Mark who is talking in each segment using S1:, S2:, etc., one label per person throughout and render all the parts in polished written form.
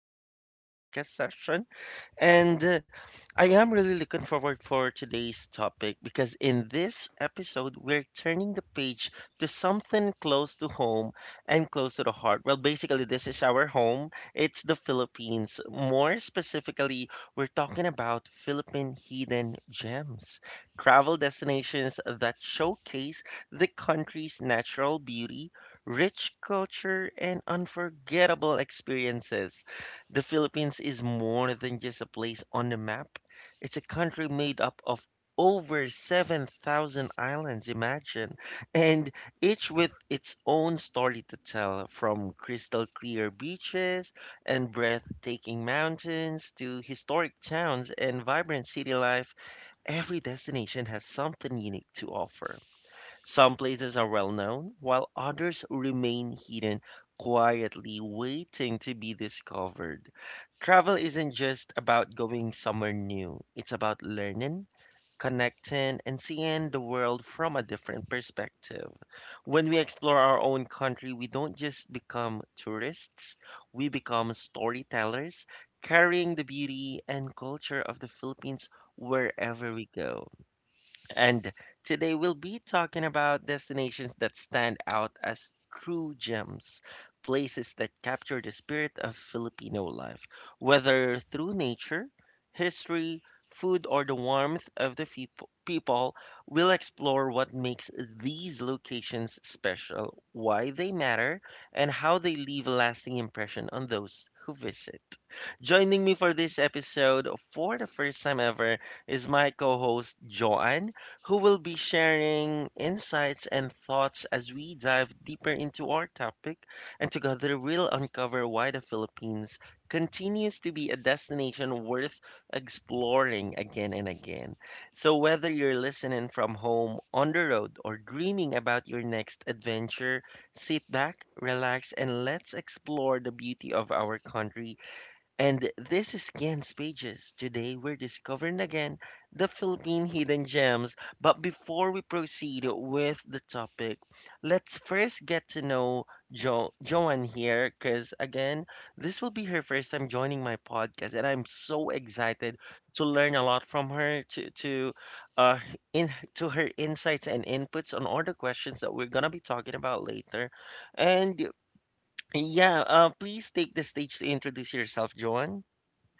S1: my podcast session, and I am really looking forward for today's topic because in this episode we're turning the page to something close to home and close to the heart. Well, basically this is our home. It's the Philippines. More specifically, we're talking about Philippine hidden gems, travel destinations that showcase the country's natural beauty, rich culture, and unforgettable experiences. The Philippines is more than just a place on the map. It's a country made up of over 7,000 islands, imagine, and each with its own story to tell, from crystal clear beaches and breathtaking mountains to historic towns and vibrant city life. Every destination has something unique to offer. Some places are well known, while others remain hidden, quietly waiting to be discovered. Travel isn't just about going somewhere new, it's about learning, connecting, and seeing the world from a different perspective. When we explore our own country, we don't just become tourists, we become storytellers, carrying the beauty and culture of the Philippines wherever we go. And today we'll be talking about destinations that stand out as true gems, places that capture the spirit of Filipino life, whether through nature, history, food, or the warmth of the people. We'll explore what makes these locations special, why they matter, and how they leave a lasting impression on those who visit. Joining me for this episode for the first time ever is my co-host Joanne who will be sharing insights and thoughts as we dive deeper into our topic. And together, we'll uncover why the Philippines continues to be a destination worth exploring again and again. So, whether you're listening from home, on the road, or dreaming about your next adventure, sit back, relax, and let's explore the beauty of our country and this is Ken Pages. Today we're discovering again the Philippine hidden gems. But before we proceed with the topic, let's first get to know Joanne here because, again, this will be her first time joining my podcast. And I'm so excited to learn a lot from her, uh, in, to her insights and inputs on all the questions that we're going to be talking about later. And yeah, please take the stage to introduce yourself, Joanne.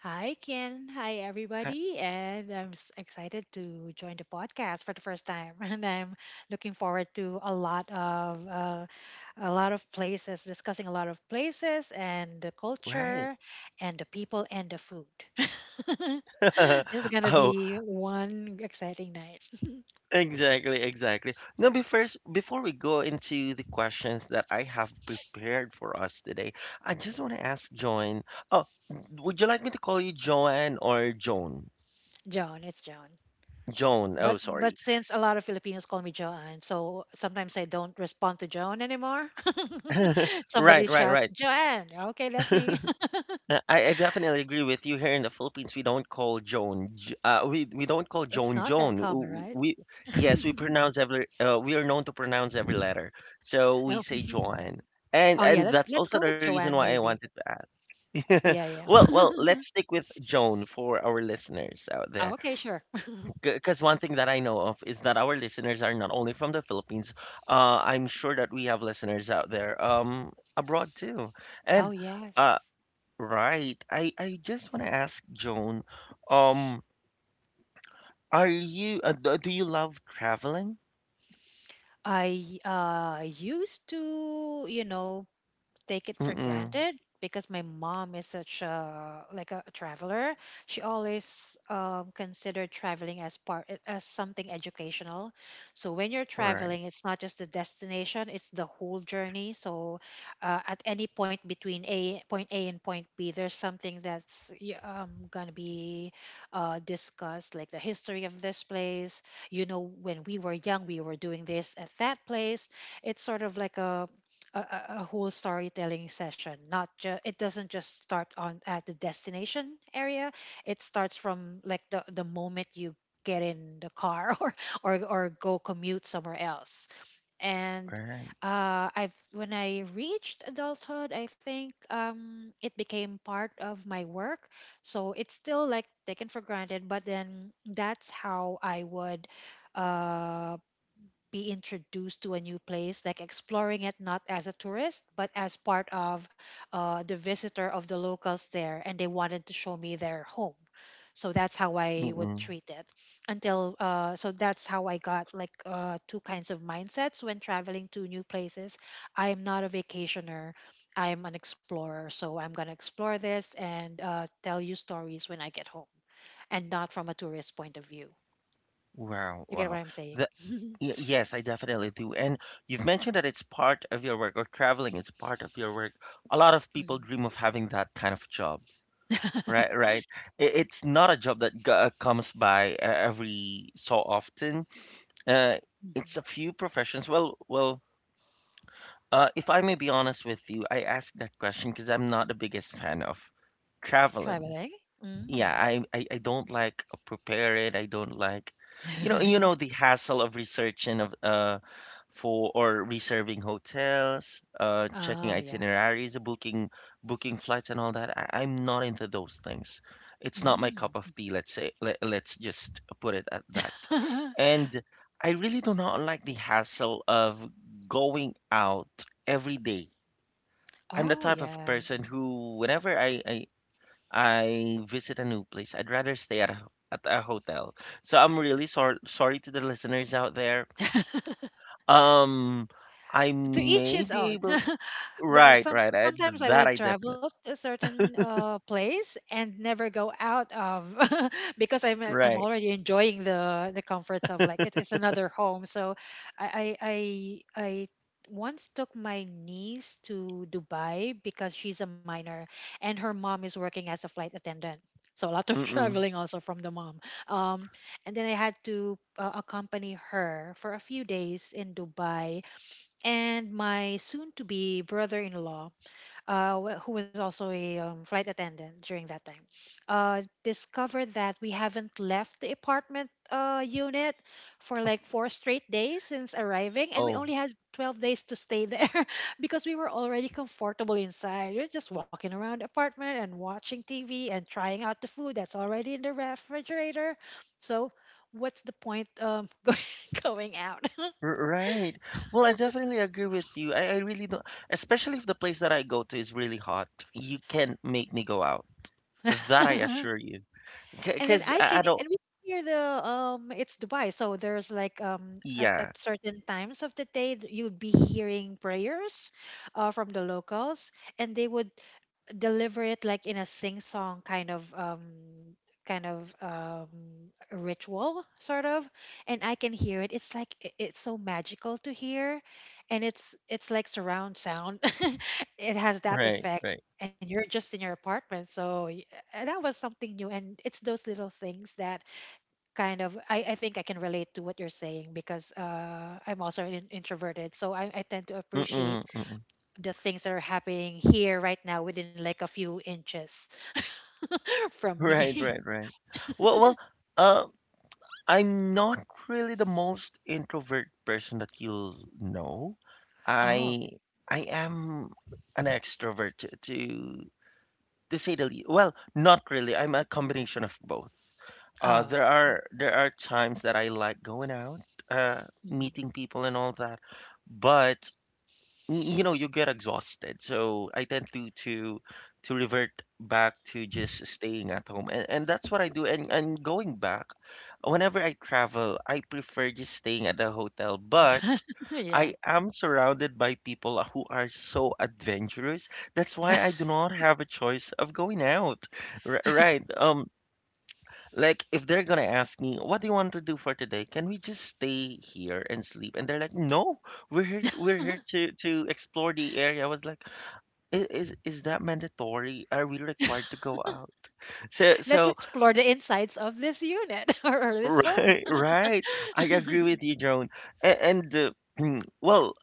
S2: Hi, Ken. Hi,
S1: Right,
S2: everybody. And I'm excited to join the podcast for the first time. And I'm looking forward to a lot of places, discussing a lot of places and the
S1: right.
S2: culture and the people and the food. This is gonna
S1: Oh,
S2: be one exciting night.
S1: exactly, exactly. Now, before we go into the questions that I have prepared for us today, I just want to ask Joan. Oh, would you like me to call you Joanne or Joan?
S2: Joan, it's Joan.
S1: Joan. Oh,
S2: But
S1: sorry.
S2: since a lot of Filipinos call me Joanne, so sometimes I don't respond to Joan anymore.
S1: Right,
S2: Somebody
S1: right,
S2: shouts,
S1: right.
S2: Joanne. Okay, that's me.
S1: I definitely agree with you. Here in the Philippines, we don't call Joan. We don't call
S2: It's
S1: Joan
S2: not that
S1: Joan.
S2: common,
S1: W-
S2: right?
S1: We Yes, we pronounce every. We are known to pronounce every letter, so we
S2: Oh.
S1: say Joan, and
S2: Oh yeah, let's
S1: that's
S2: let's
S1: also
S2: go
S1: the
S2: with
S1: reason
S2: Joanne
S1: why I wanted
S2: maybe.
S1: to add.
S2: Yeah,
S1: well,
S2: yeah.
S1: well, let's stick with Joan for our listeners out there,
S2: Oh, okay, sure.
S1: because one thing that I know of is that our listeners are not only from the Philippines. I'm sure that we have listeners out there abroad too,
S2: Oh
S1: and. Uh,
S2: yes.
S1: Right. I just want to ask Joan, um, are you do you love traveling?
S2: I used to, you know, take it for
S1: Mm-mm.
S2: granted because my mom is such a a traveler. She always considered traveling as part as something educational. So when you're
S1: Right,
S2: traveling, it's not just the destination; it's the whole journey. So at any point between a point A and point B, there's something that's gonna be discussed, like the history of this place. You know, when we were young, we were doing this at that place. It's sort of like a whole storytelling session, not just, it doesn't just start on at the destination area, it starts from like the moment you get in the car or go commute somewhere else and
S1: right.
S2: I've, when I reached adulthood, I think it became part of my work, so it's still like taken for granted, but then that's how I would uh, be introduced to a new place, like exploring it not as a tourist, but as part of the visitor of the locals there, and they wanted to show me their home. So that's how I would
S1: Mm-mm.
S2: treat it until so that's how I got like two kinds of mindsets when traveling to new places. I am not a vacationer. I'm an explorer, so I'm gonna explore this and tell you stories when I get home, and not from a tourist point of view.
S1: Wow,
S2: You get what
S1: wow.
S2: I'm saying?
S1: The, yes, I definitely do. And you've mentioned that it's part of your work, or traveling is part of your work. A lot of
S2: Mhm.
S1: people dream of having that kind of job. Right, right. It's not a job that comes by every so often. Uh, it's
S2: Mhm.
S1: a few professions. Well. If I may be honest with you, I asked that question because I'm not the biggest fan of traveling.
S2: Traveling?
S1: Yeah,
S2: Mm.
S1: I don't like prepare it. I don't like, you know the hassle of researching of for or reserving hotels, checking
S2: Oh, yes.
S1: itineraries, booking flights and all that. I'm not into those things. It's not my cup
S2: Mm.
S1: of tea, let's say. Let's just put it at that. And I really do not like the hassle of going out every day. I'm the
S2: Oh,
S1: type of
S2: yeah.
S1: person who, whenever I visit a new place, I'd rather stay at a hotel. So I'm really sorry to the listeners out there, um, I
S2: To each
S1: may
S2: his
S1: be
S2: own.
S1: able.
S2: But
S1: Right, right.
S2: sometimes I
S1: That
S2: would
S1: I
S2: travel
S1: definitely.
S2: to a certain place and never go out of, because I'm
S1: Right.
S2: already enjoying the comforts of, like, it's another home. So I once took my niece to Dubai because she's a minor and her mom is working as a flight attendant. So a lot of
S1: Mm-mm.
S2: traveling also from the mom. Um, and then I had to accompany her for a few days in Dubai, and my soon to be brother in law, who was also a flight attendant during that time, discovered that we haven't left the apartment unit for like four straight days since arriving, and we
S1: Oh.
S2: only had 12 days to stay there, because we were already comfortable inside. We are just walking around the apartment and watching TV and trying out the food that's already in the refrigerator. So, what's the point, going out?
S1: R- Right. Well, I definitely agree with you. I really don't, especially if the place that I go to is really hot. You can't make me go out. That I assure you.
S2: And then
S1: Because
S2: I
S1: I,
S2: can,
S1: I don't.
S2: and we can hear the, it's Dubai, so there's like at,
S1: Yeah.
S2: at certain times of the day that you'd be hearing prayers from the locals, and they would deliver it like in a sing song kind of ritual sort of, and I can hear it, it's like, it's so magical to hear, and it's like surround sound. It has that
S1: Right.
S2: effect,
S1: Right.
S2: and you're just in your apartment, so that was something new, and it's those little things that kind of, I think I can relate to what you're saying because I'm also an introverted, so I tend to appreciate
S1: Mm-mm, mm-mm.
S2: the things that are happening here right now within like a few inches from
S1: Right.
S2: me.
S1: Right. Right. Well. Well. Um. I'm not really the most introvert person that you'll know.
S2: Oh,
S1: I
S2: okay.
S1: I am an extrovert to say the least. Well, not really. I'm a combination of both.
S2: Oh,
S1: There are times that I like going out, uh,
S2: mhm.
S1: meeting people and all that, but you get exhausted, so I tend to revert back to just staying at home, and that's what I do. And going back whenever I travel, I prefer just staying at a hotel, but
S2: Yeah.
S1: I am surrounded by people who are so adventurous. That's why I do not have a choice of going out. Right. Like, if they're gonna ask me, what do you want to do for today? Can we just stay here and sleep? And they're like, no, we're here to explore the area. I was like, Is that mandatory? Are we required to go out?" So
S2: Let's
S1: so
S2: explore the insides of this unit, or this home.
S1: Right, right. I agree with you, Joan. And, and, well,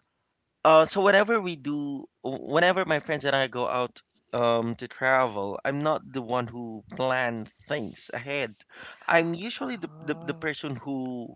S1: so whenever my friends and I go out to travel, I'm not the one who plan things ahead. I'm usually the
S2: Oh,
S1: person who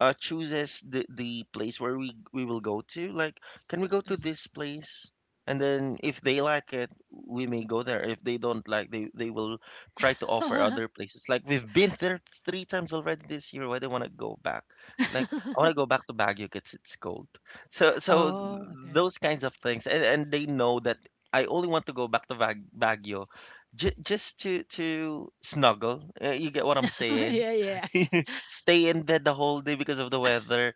S1: chooses the place where we will go to. Like, can we go to
S2: mhm.
S1: this place? And then if they like it, we may go there. If they don't like, they will try to offer other places. Like we've been there three times already this year. Why do I want to go back? It's like I want to go back to Baguio because it's cold. So so
S2: Oh, okay.
S1: those kinds of things, and they know that I only want to go back to Baguio, just to snuggle. You get what I'm saying?
S2: Yeah, yeah.
S1: Stay in bed the whole day because of the weather.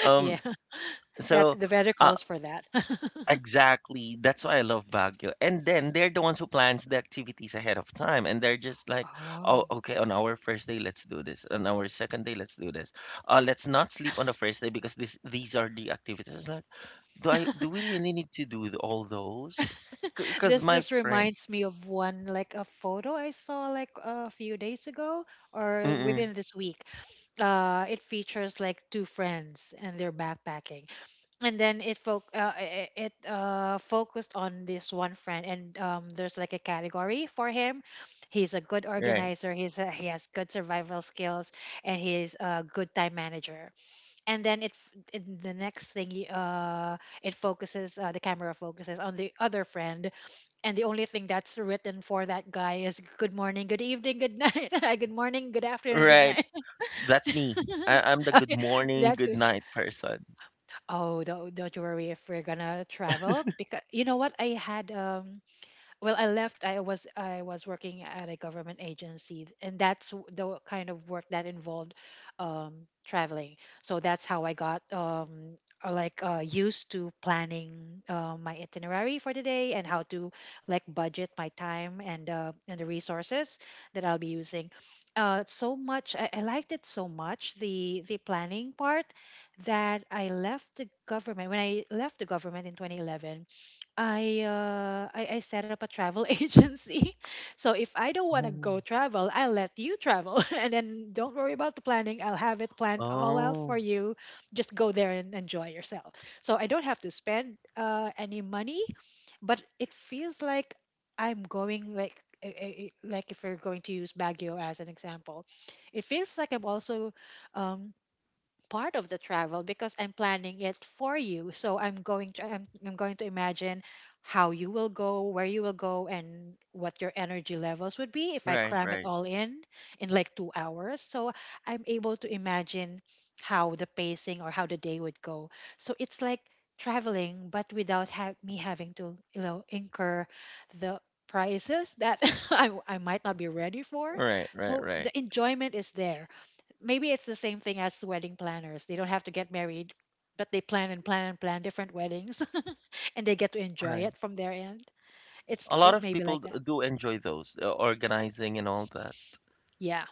S1: Um,
S2: Yeah. That
S1: so
S2: the weather
S1: uh,
S2: calls for that.
S1: exactly that's why I love Baguio. And then they're the ones who plans the activities ahead of time, and they're just like, oh,
S2: Oh.
S1: okay, on our first day let's do this, on our second day let's do this. Let's not sleep on the first day because this these are the activities. It's like, do we really need to do all those? Because
S2: This
S1: my
S2: just
S1: friend,
S2: reminds me of one, like, a photo I saw like a few days ago or
S1: mm-mm,
S2: within this week. It features like two friends and they're backpacking, and then it fo- I- it focused on this one friend, and there's like a category for him. He's a good
S1: right,
S2: organizer. He has good survival skills, and he's a good time manager. And then in the next thing it focuses, the camera focuses on the other friend, and the only thing that's written for that guy is good morning, good evening, good night, good morning, good afternoon, good
S1: right,
S2: night.
S1: that's me. I, I'm the good
S2: Okay,
S1: morning,
S2: that's
S1: good
S2: good.
S1: night person.
S2: Oh, don't you worry if we're gonna travel, because you know what, I had, well, I was working at a government agency, and that's the kind of work that involved um, traveling. So that's how I got used to planning my itinerary for the day and how to like budget my time and the resources that I'll be using, so much. I liked it so much, the planning part, that I left the government when I left the government in 2011, I set up a travel agency. So if I don't want to
S1: Oh,
S2: go travel, I'll let you travel, and then don't worry about the planning. I'll have it planned all out for
S1: oh.
S2: you. Just go there and enjoy yourself. So I don't have to spend any money, but it feels like I'm going like eh, eh, eh, like if we're going to use Baguio as an example, it feels like I'm also um, part of the travel because I'm planning it for you. So I'm going to imagine how you will go, where you will go, and what your energy levels would be if I
S1: Right,
S2: cram it
S1: right,
S2: all in like 2 hours. So I'm able to imagine how the pacing or how the day would go. So it's like traveling, but without me having to, you know, incur the prices that I might not be ready for.
S1: right, right,
S2: So
S1: right,
S2: the enjoyment is there. Maybe it's the same thing as wedding planners. They don't have to get married, but they plan and plan and plan different weddings, and they get to enjoy
S1: right.
S2: it from their end. It's
S1: A lot
S2: it
S1: of
S2: may be
S1: people
S2: like that.
S1: do enjoy those organizing and all that.
S2: Yeah.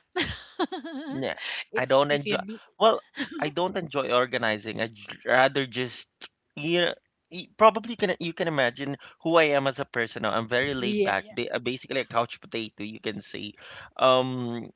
S1: Yeah, I
S2: if
S1: don't
S2: if you
S1: enjoy.
S2: need,
S1: Well, I don't enjoy organizing. I'd rather just you know, y- probably can you can imagine who I am as a person now. I'm very laid
S2: yeah,
S1: back,
S2: yeah.
S1: basically a couch potato, you can say. Um,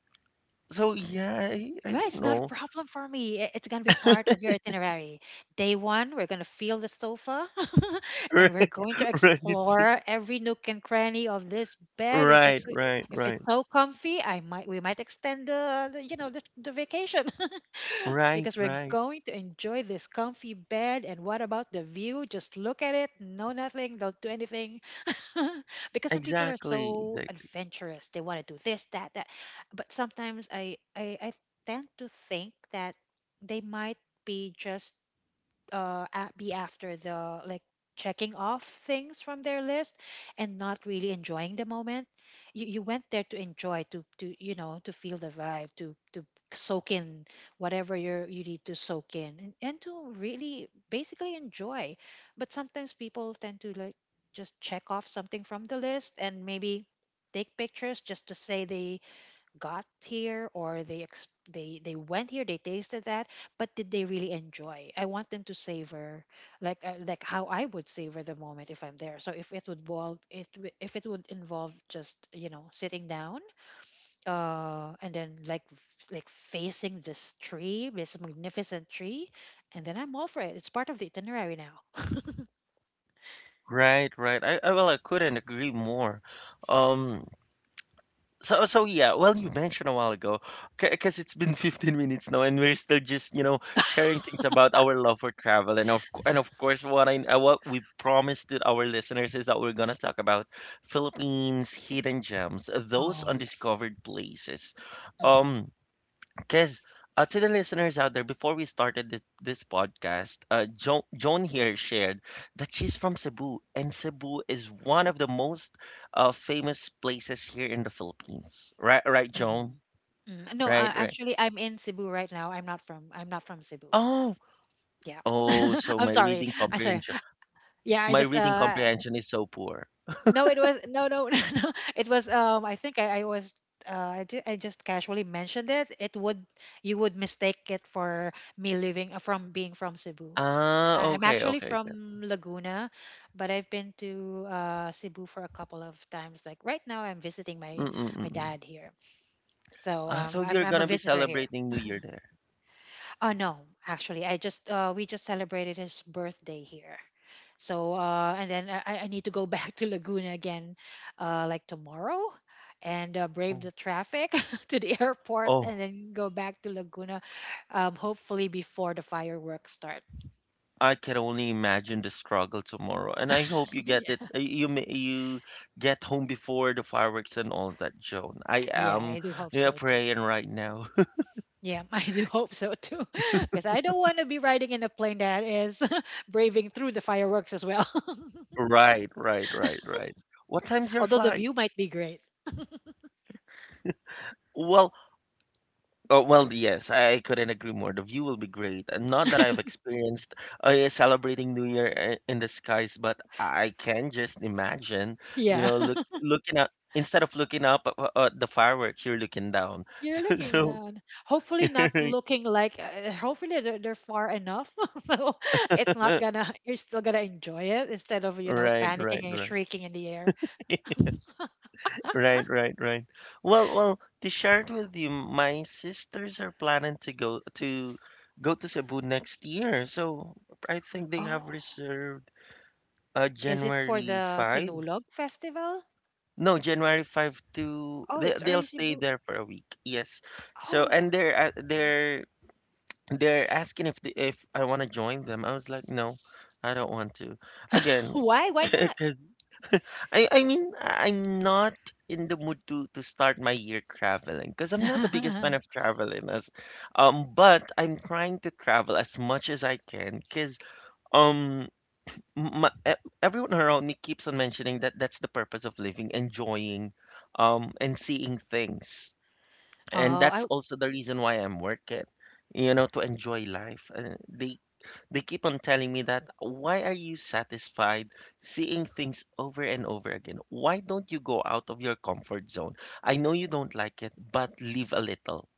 S1: so yeah, I
S2: Yeah,
S1: don't
S2: it's not a
S1: know.
S2: problem for me. I- It's gonna be part of your itinerary. Day one, we're gonna feel the sofa, and we're going to
S1: Right,
S2: explore every nook and cranny of this bed.
S1: right, right,
S2: If it's
S1: right,
S2: so comfy, I might we might extend the, you know, the vacation,
S1: right,
S2: because we're
S1: right.
S2: going to enjoy this comfy bed. And what about the view? Just look at it, no nothing, don't do anything. Because some people are
S1: Exactly.
S2: so adventurous. They want to do that. But sometimes I tend to think that they might be just be after the, like, checking off things from their list and not really enjoying the moment. You went there to enjoy, to you know, to feel the vibe, to soak in whatever you need to soak in, and to really basically enjoy. But sometimes people tend to like just check off something from the list and maybe take pictures just to say they got here, or they went here, they tasted that. But did they really enjoy? I want them to savor, like, like how I would savor the moment if I'm there. So if it would if it would involve just, you know, sitting down, and then like like facing this tree, this magnificent tree, and then I'm all for it, it's part of the itinerary now.
S1: Right, right. I well, I couldn't agree more. Um, so yeah. Well, you mentioned a while ago, because it's been 15 minutes now, and we're still just you know sharing things about our love for travel, and of course, what we promised to our listeners is that we're gonna talk about Philippines hidden gems, those
S2: Oh, yes.
S1: undiscovered places. Um.
S2: Hmm.
S1: Because to the listeners out there, before we started this podcast, Joan here shared that she's from Cebu, and Cebu is one of the most famous places here in the Philippines. Right, right, Joan?
S2: Hmm. Mm, no,
S1: Right, right.
S2: actually, I'm in Cebu right now. I'm not from Cebu.
S1: Oh,
S2: Yeah.
S1: oh, so
S2: I'm sorry. I'm sorry. Yeah, I
S1: my
S2: just
S1: reading comprehension is so poor.
S2: no it was, no no, no no. It was, I think, I was I just casually mentioned it. It would, you would mistake it for me living, from being from Cebu.
S1: Ah,
S2: I'm
S1: okay,
S2: actually
S1: okay, okay.
S2: from Laguna, but I've been to Cebu for a couple of times. Like right now I'm visiting my
S1: Mm-mm-mm.
S2: dad here. So
S1: Ah, so you're
S2: I'm a
S1: gonna be
S2: visitor here.
S1: celebrating New Year there.
S2: No, actually, I just we just celebrated his birthday here. So I need to go back to Laguna again, like tomorrow, and brave
S1: Oh,
S2: the traffic to the airport,
S1: oh,
S2: and then go back to Laguna, hopefully before the fireworks start.
S1: I can only imagine the struggle tomorrow, and I hope you get it.
S2: Yeah,
S1: You get home before the fireworks and all that, Joan. I
S2: yeah,
S1: am,
S2: I do hope
S1: yeah,
S2: so too.
S1: praying right now.
S2: Yeah, I do hope so too, because I don't want to be riding in a plane that is braving through the fireworks as well.
S1: Right, right, right, right. What time's your
S2: Although the
S1: flight?
S2: view might be great.
S1: Well, well, yes, I couldn't agree more. The view will be great. And not that I've experienced celebrating New Year in the skies, but I can just imagine,
S2: Yeah.
S1: looking up instead of looking up at the fireworks, you're looking down.
S2: You're looking
S1: So,
S2: down. Hopefully, not looking like. Hopefully, they're far enough, so it's not
S1: Uh,
S2: gonna. You're still gonna enjoy it instead of
S1: right, right,
S2: panicking and
S1: right,
S2: shrieking in the air.
S1: right, right, right. Well, to share it with you, my sisters are planning to go to Cebu next year, so I think they have
S2: Oh,
S1: reserved
S2: is it for
S1: January
S2: the
S1: five.
S2: Sinulog Festival?
S1: No, January five to
S2: Oh,
S1: they
S2: it's
S1: they'll
S2: early
S1: stay
S2: Cebu.
S1: there for a week. Yes, so
S2: Oh,
S1: and they're asking if I want to join them. I was like, no, I don't want to. Again,
S2: why? Why not?
S1: I mean, I'm not in the mood to start my year traveling because I'm not the biggest fan of traveling as but I'm trying to travel as much as I can because um m- my, e- everyone around me keeps on mentioning that that's the purpose of living, enjoying and seeing things. And
S2: Oh, I.
S1: that's also the reason why I'm working, to enjoy life. They keep on telling me that, why are you satisfied seeing things over and over again? Why don't you go out of your comfort zone? I know you don't like it, but leave a little.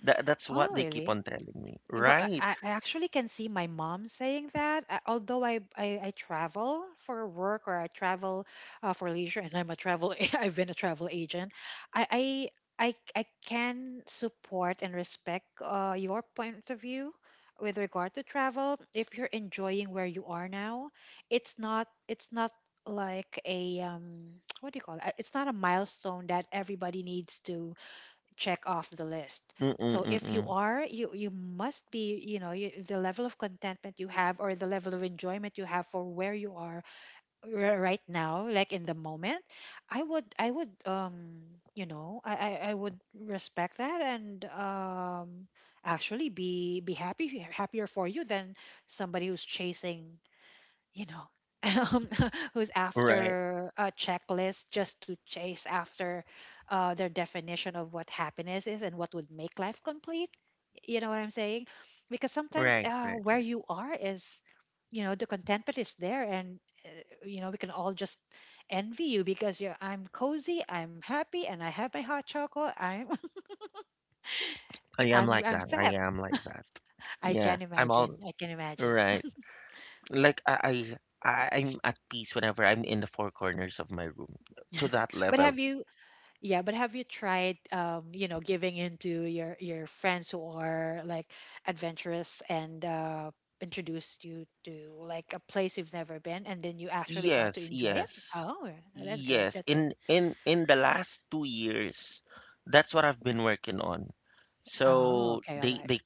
S1: That's
S2: Oh,
S1: what they keep
S2: really?
S1: on telling me.
S2: Well, I,
S1: Right.
S2: I I actually can see my mom saying that. Although I travel for work or I travel for leisure, and I'm a travel I've been a travel agent. I I I can support and respect your point of view with regard to travel. If you're enjoying where you are now, it's not like a what do you call it? It's not a milestone that everybody needs to check off the list. So if you
S1: Mm-mm-mm-mm.
S2: are, you must be, you know, you, the level of contentment you have or the level of enjoyment you have for where you are right now, like in the moment, I would you know, I would respect that and actually be happy happier for you than somebody who's chasing you know um, who's
S1: Right.
S2: after a checklist just to chase after their definition of what happiness is and what would make life complete, you know what I'm saying, because sometimes
S1: Right. Right.
S2: where
S1: Right.
S2: you are is, you know, the contentment is there and uh, you know we can all just envy you because you're I'm cozy, I'm happy, and I have my hot chocolate. I'm
S1: I am like
S2: I'm
S1: that. I
S2: set.
S1: am like that.
S2: I
S1: Yeah.
S2: can
S1: I'm all
S2: imagine, I can imagine.
S1: right. Like I, I I'm at peace whenever I'm in the four corners of my room to that
S2: But have
S1: level.
S2: you Yeah, but have you tried, you know, giving in to your friends who are like adventurous and, introduced you to like a place you've never been, and then you actually got to
S1: Yes,
S2: enjoy it?
S1: yes.
S2: Oh, that's good.
S1: Yes,
S2: That's
S1: in
S2: good.
S1: in in the last 2 years, that's what I've been working on.
S2: Oh,
S1: So
S2: okay, all
S1: they
S2: right.
S1: they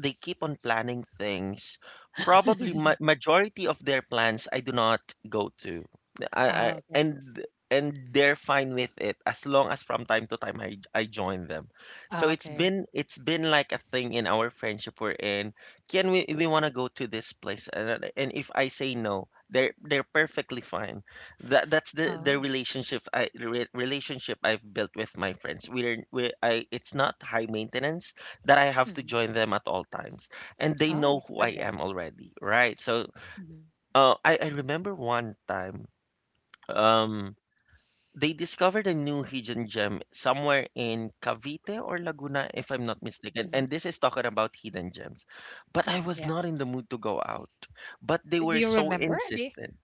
S1: they keep on planning things. Probably ma majority of their plans I do not go to. I
S2: Oh, okay.
S1: And they're fine with it as long as from time to time I join them. So
S2: Oh,
S1: it's
S2: okay.
S1: been it's been like a thing in our friendship we're in. Can we want to go to this place? And if I say no, they're perfectly fine. That's the
S2: Oh.
S1: relationship relationship I've built with my friends. We're we I It's not high maintenance that I have to
S2: Hmm.
S1: join them at all times, and they
S2: Oh,
S1: know
S2: that's
S1: who
S2: good
S1: I
S2: then.
S1: am already, right? So,
S2: Hmm.
S1: I remember one time, um, they discovered a new hidden gem somewhere in Cavite or Laguna, if I'm not mistaken.
S2: Hmm.
S1: And this is talking about hidden gems, but I
S2: Hmm.
S1: was
S2: Yeah.
S1: not in the mood to go out, but they
S2: Do
S1: were
S2: you
S1: so
S2: remember the
S1: insistent.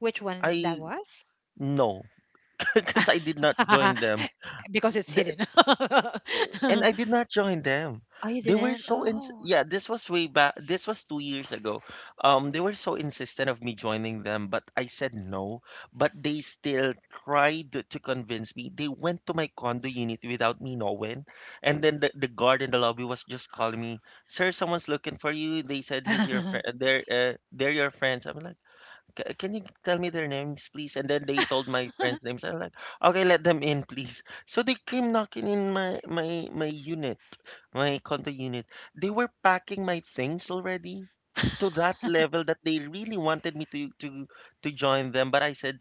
S2: Which one that
S1: I
S2: was?
S1: No, because I did not join them.
S2: Because it's hidden.
S1: Th- And I did not join them.
S2: Oh, you
S1: They were
S2: didn't?
S1: so in
S2: Oh,
S1: Yeah, this was way back, this was 2 years ago. They were so insistent of me joining them, but I said no. But they still tried to convince me. They went to my condo unit without me knowing. And then the guard in the lobby was just calling me, "Sir, someone's looking for you. They said he's your friend, they're your friends." I'm like, Ca Can you tell me their names, please?" And then they told my friends' names. I'm like, okay, let them in, please. So they came knocking in my unit, my condo unit. They were packing my things already to that level that they really wanted me to join them, but I said,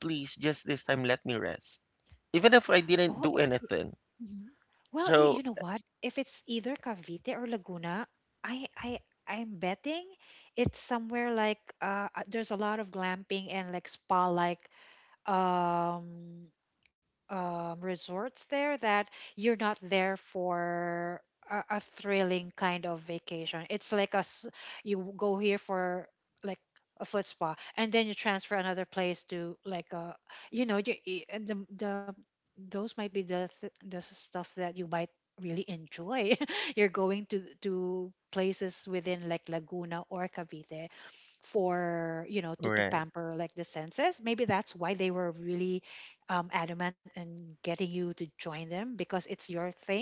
S1: please, just this time, let me rest, even if I
S2: oh,
S1: didn't do anything.
S2: mhm. Well, you know
S1: So
S2: what? If it's either Cavite or Laguna, I I I'm betting it's somewhere like there's a lot of glamping and like spa like um resorts there that you're not there for a thrilling kind of vacation. It's like a you go here for like a foot spa, and then you transfer another place to like a, you know, and the those might be the stuff that you might really enjoy. You're going to places within like Laguna or Cavite for, you know, to
S1: right,
S2: pamper like the senses, maybe that's why they were really adamant in getting you to join them because it's your thing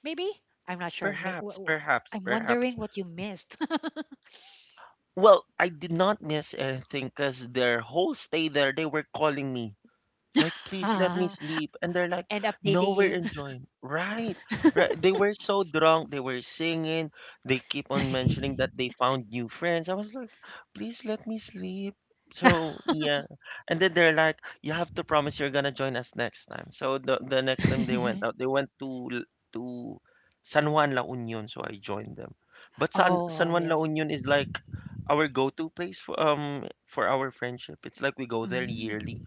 S2: maybe. I'm not sure May,
S1: perhaps, perhaps,
S2: I'm
S1: perhaps.
S2: wondering what you missed.
S1: Well, I did not miss anything because their whole stay there, they were calling me, like, please let me sleep. And they're like,
S2: And updating
S1: no,
S2: you.
S1: we're enjoying. Right. Right. They were so drunk. They were singing. They keep on mentioning that they found new friends. I was like, please let me sleep. So yeah. And then they're like, you have to promise you're gonna join us next time. So the next time they went out, they went to San Juan La Union, so I joined them. But San
S2: Oh
S1: Juan La
S2: yes.
S1: Union is like our go-to place for our friendship. It's like we go there yearly
S2: Mm.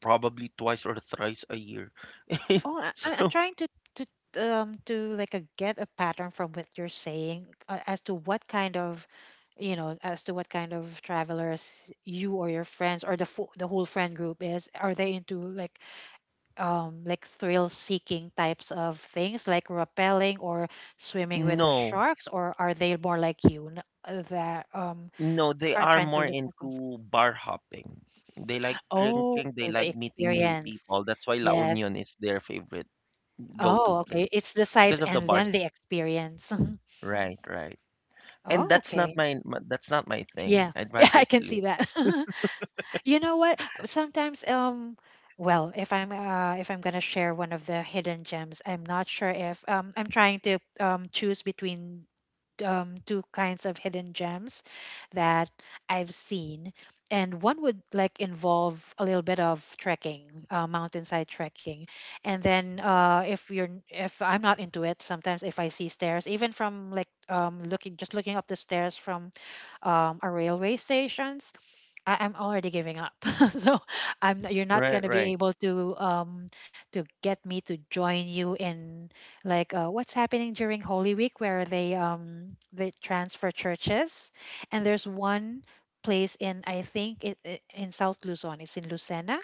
S1: probably twice or thrice a year.
S2: Oh, I'm
S1: So
S2: trying to to like a, get a pattern from what you're saying, as to what kind of, you know, as to what kind of travelers you or your friends or the fo the whole friend group is. Are they into like thrill seeking types of things like rappelling or swimming with the
S1: no,
S2: sharks, or are they more like you n- that
S1: no, they are
S2: trying to
S1: more
S2: look for comfort?
S1: into bar hopping. They like
S2: Oh,
S1: drinking, they
S2: the
S1: like meeting new
S2: experience.
S1: people. That's why La
S2: Yes.
S1: Union is their favorite
S2: Oh,
S1: go-to
S2: okay.
S1: place
S2: It's the sights
S1: because of the
S2: and
S1: bars.
S2: then the experience.
S1: Right, right. And
S2: Oh,
S1: that's not
S2: okay.
S1: that's not my thing.
S2: Yeah.
S1: I'd
S2: Yeah, I
S1: rather
S2: can see
S1: live.
S2: that. You know what? Sometimes well, if I'm gonna share one of the hidden gems, I'm not sure if I'm trying to choose between two kinds of hidden gems that I've seen. And one would like involve a little bit of trekking, mountainside trekking. And then if if I'm not into it, sometimes if I see stairs, even from like looking just looking up the stairs from a railway station, I'm already giving up. So I'm you're not
S1: Right,
S2: gonna be
S1: right.
S2: able to get me to join you in like, what's happening during Holy Week where they transfer churches, and there's one place in, I think it, it in South Luzon. It's in Lucena.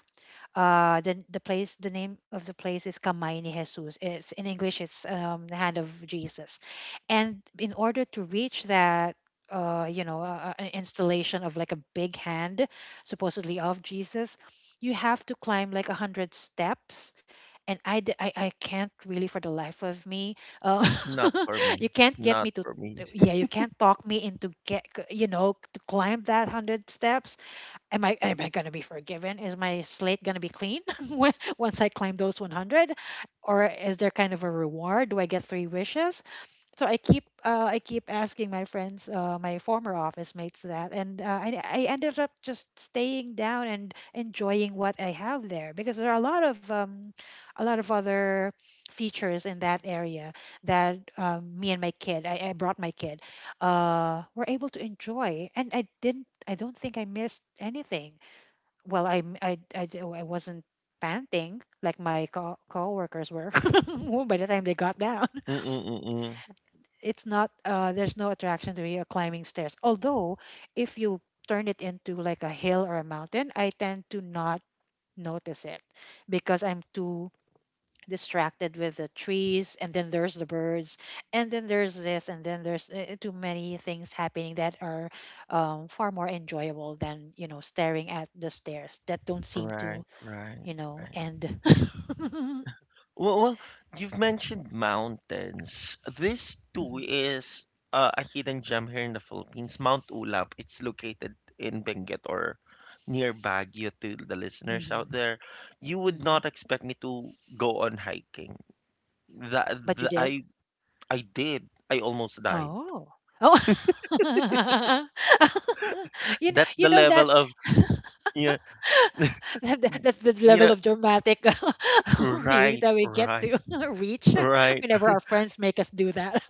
S2: The place, the name of the place is Kamay ni Jesus. It's in English, it's, the hand of Jesus. And in order to reach that, you know, an installation of like a big hand, supposedly of Jesus, you have to climb like a hundred steps. And I can't really for the life of me. Uh,
S1: Not for
S2: you
S1: me.
S2: can't get me
S1: Not
S2: to,
S1: for me.
S2: yeah, you can't talk me into get, you know, to climb that hundred steps. Am I going to be forgiven? Is my slate going to be clean when- once I climb those 100? Or is there kind of a reward? Do I get three wishes? So I keep, I keep asking my friends, my former office mates that, and I ended up just staying down and enjoying what I have there because there are a lot of other features in that area that, me and my kid, I brought my kid, were able to enjoy, and I didn't. I don't think I missed anything. Well, I'm I, d- I wasn't panting like my coworkers were by the time they got down.
S1: Mm-mm-mm-mm.
S2: It's not there's no attraction to me of climbing stairs, although if you turn it into like a hill or a mountain, I tend to not notice it because I'm too distracted with the trees, and then there's the birds, and then there's this, and then there's, too many things happening that are, far more enjoyable than, you know, staring at the stairs that don't seem
S1: Right,
S2: to,
S1: right,
S2: you know,
S1: right.
S2: end.
S1: Well, you've mentioned mountains. This too
S2: Hmm.
S1: is a hidden gem here in the Philippines, Mount Ulap. It's located in Benguet or near Baguio to the listeners out
S2: Hmm.
S1: there. You would
S2: Hmm.
S1: not expect me to go on hiking. That,
S2: But you
S1: that
S2: did.
S1: I I did. I almost died.
S2: Oh. Oh.
S1: That's
S2: You
S1: the
S2: know that,
S1: level of, you know,
S2: that's the
S1: you
S2: level
S1: know
S2: of dramatic feelings
S1: right,
S2: that we get
S1: right,
S2: to reach
S1: right.
S2: whenever our friends make us do that.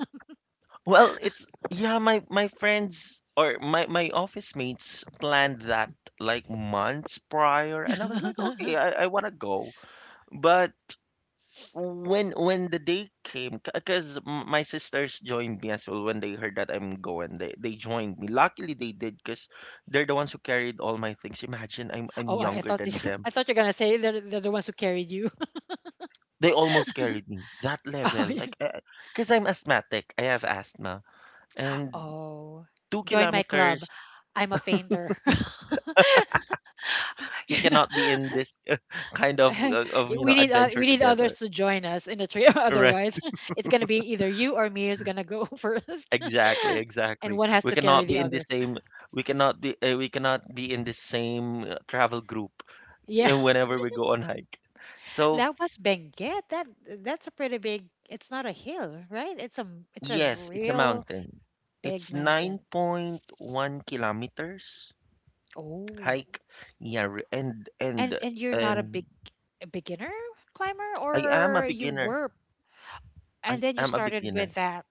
S1: Well, it's yeah, my friends or my office mates planned that like months prior, and I was like, okay, I want to go, but when the day came, because my sisters joined me as well when they heard that I'm going, they joined me. Luckily, they did because they're the ones who carried all my things. Imagine I'm
S2: Oh, I
S1: younger
S2: thought
S1: than
S2: this,
S1: them.
S2: I thought you're gonna say they're the ones who carried you.
S1: They almost carried me that
S2: Oh,
S1: level,
S2: yeah.
S1: like because I'm asthmatic. I have asthma, and
S2: Oh,
S1: two
S2: join my club.
S1: kilometers
S2: I'm a fainter.
S1: we
S2: You know.
S1: cannot be in this kind of uh, of
S2: We need, we
S1: adventure
S2: need others
S1: together,
S2: to join us in the trio.
S1: right,
S2: Otherwise, it's gonna be either you or me is gonna go first,
S1: exactly,
S2: and
S1: exactly.
S2: one has to carry the other.
S1: We cannot be in the same travel group
S2: Yeah,
S1: whenever we go on hike, so
S2: that was Benguet. That's a pretty big. It's not a hill, right? It's a
S1: yes, it's a
S2: real
S1: mountain,
S2: big
S1: it's
S2: mountain.
S1: 9.1 kilometers
S2: Oh,
S1: hike. Yeah, and
S2: and you're not a big,
S1: and
S2: a beginner climber,
S1: I am
S2: or
S1: a
S2: you
S1: beginner.
S2: were, and
S1: i
S2: then you
S1: am a
S2: started
S1: beginner
S2: with that.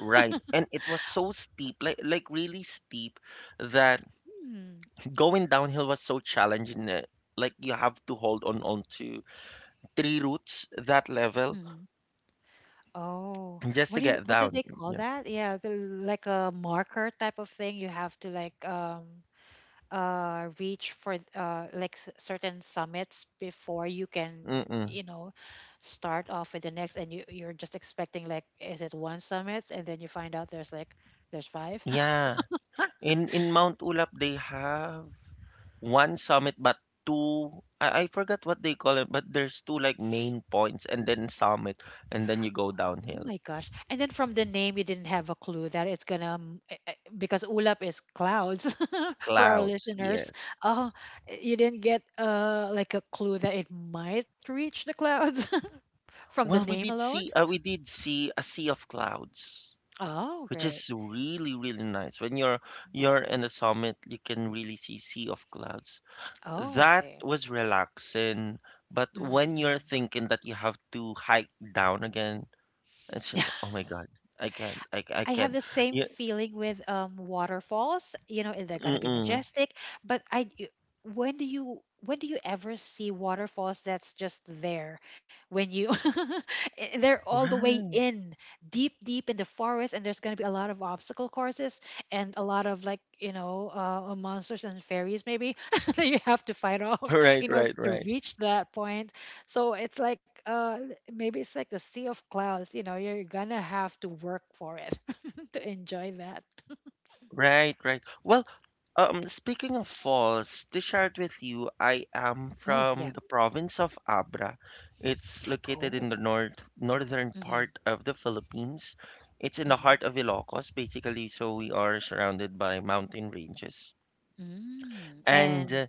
S1: right, and it was so steep, like really steep that
S2: Hmm.
S1: going downhill was so challenging. Like you have to hold on to three roots, that level,
S2: Hmm. Oh,
S1: just
S2: what
S1: to
S2: do you
S1: get
S2: what do
S1: down.
S2: they call
S1: Yeah.
S2: that? Yeah, the- like a marker type of thing. You have to like reach for like certain summits before you can,
S1: Mm-mm.
S2: you know, start off with the next, and you you're just expecting like is it one summit, and then you find out there's like there's five.
S1: Yeah. In Mount Ulap they have one summit but two, I forgot what they call it, but there's two like main points and then summit and then you go
S2: Oh
S1: downhill.
S2: my gosh. And then from the name, you didn't have a clue that it's gonna, because ulap is clouds for our
S1: Clouds,
S2: listeners.
S1: yes.
S2: Oh, you didn't get like a clue that it might reach the clouds from the
S1: Well,
S2: name alone?
S1: we did see a sea of clouds,
S2: Oh,
S1: which
S2: great.
S1: is really really nice when you're in the summit, you can really see sea of clouds.
S2: Oh,
S1: That
S2: okay.
S1: was relaxing, but when you're
S2: Mm-mm-mm.
S1: thinking that you have to hike down again, it's oh my god, I
S2: I have
S1: can't.
S2: the same
S1: Yeah.
S2: feeling with waterfalls. You know, and they're gonna be
S1: Mm-mm.
S2: majestic, but when do you ever see waterfalls that's just there when you they're all the way
S1: Right,
S2: in deep deep in the forest, and there's going to be a lot of obstacle courses and a lot of like, you know, monsters and fairies maybe that you have to fight off
S1: right,
S2: in order
S1: right,
S2: to
S1: right.
S2: reach that point. So it's like maybe it's like the sea of clouds, you know, you're gonna have to work for it to enjoy that.
S1: Right, right. Well, speaking of falls, to share it with you, I am
S2: Oh,
S1: from
S2: yeah.
S1: the province of Abra. It's located
S2: Oh.
S1: in the northern
S2: Mm-hmm.
S1: part of the Philippines. It's in the
S2: Mm-hmm.
S1: heart of Ilocos, basically, so we are surrounded by mountain ranges.
S2: Mm.
S1: And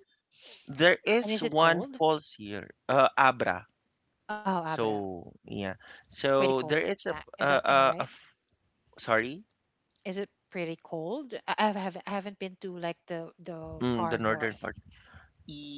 S1: there
S2: And
S1: is
S2: is it
S1: one
S2: cold?
S1: falls here, Abra.
S2: Oh, Abra,
S1: So, yeah.
S2: pretty
S1: So
S2: cold.
S1: there is
S2: That is
S1: a,
S2: am I
S1: a, a
S2: right?
S1: f- sorry,
S2: Is it pretty cold? I haven't been to like the
S1: the
S2: far
S1: northern
S2: north,
S1: part.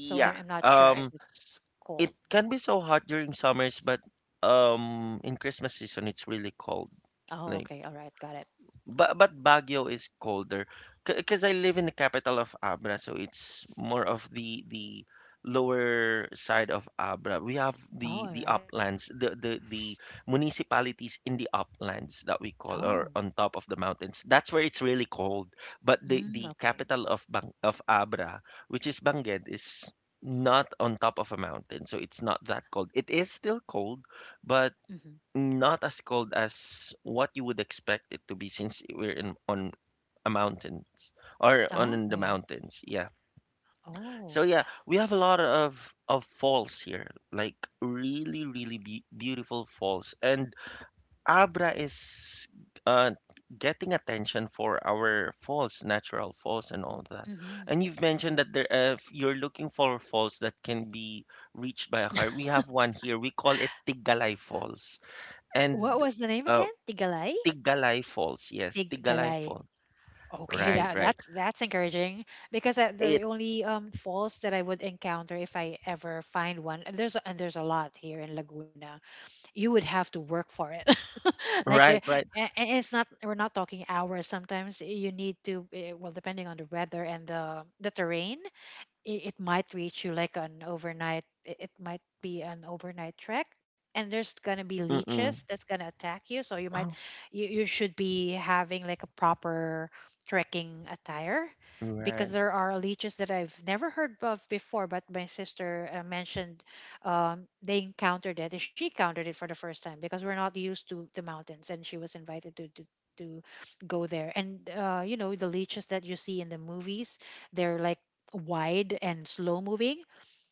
S2: so I, I'm not sure if
S1: Um,
S2: it's
S1: it
S2: cold.
S1: can be so hot during summers, but in Christmas season it's really cold.
S2: Oh,
S1: Like
S2: okay. All right. Got it.
S1: but Baguio is colder because I live in the capital of Abra, so it's more of the lower side of Abra. We have
S2: Oh,
S1: the
S2: all
S1: the
S2: right.
S1: uplands, the municipalities in the uplands that we call, or
S2: Oh.
S1: on top of the mountains. That's where it's really cold. But the
S2: Mm,
S1: the
S2: okay.
S1: capital of Abra, which is Benguet, is not on top of a mountain, so it's not that cold. It is still cold, but
S2: Mm-hmm.
S1: not as cold as what you would expect it to be since we're in on a mountains or
S2: Oh,
S1: on in the
S2: okay.
S1: mountains. Yeah.
S2: Oh.
S1: So yeah, we have a lot of falls here, like really really be beautiful falls. And Abra is uh getting attention for our falls, natural falls and all that.
S2: Mm-hmm.
S1: And you've mentioned that there if you're looking for falls that can be reached by a car. We have one here. We call it Tigalay Falls.
S2: What
S1: And
S2: was the name again?
S1: uh,
S2: Tigalay?
S1: Tiggalay Falls. Yes, Tiggalay
S2: Tigalay.
S1: Falls.
S2: Okay,
S1: Right,
S2: that
S1: right.
S2: that's that's encouraging because the the
S1: It.
S2: only um falls that I would encounter if I ever find one, and there's a lot here in Laguna. You would have to work for it. Like there,
S1: Right, right.
S2: and it's not we're not talking hours. Sometimes you need to well, depending on the weather and the terrain it might reach you like an it might be an overnight trek, and there's gonna be leeches
S1: Mm-mm.
S2: that's gonna attack you, so
S1: Oh,
S2: you should be having like a proper trekking attire because
S1: right.
S2: there are leeches that I've never heard of before, but my sister mentioned they encountered it, and she encountered it for the first time because we're not used to the mountains, and she was invited to go there, and you know, the leeches that you see in the movies, they're like wide and slow moving.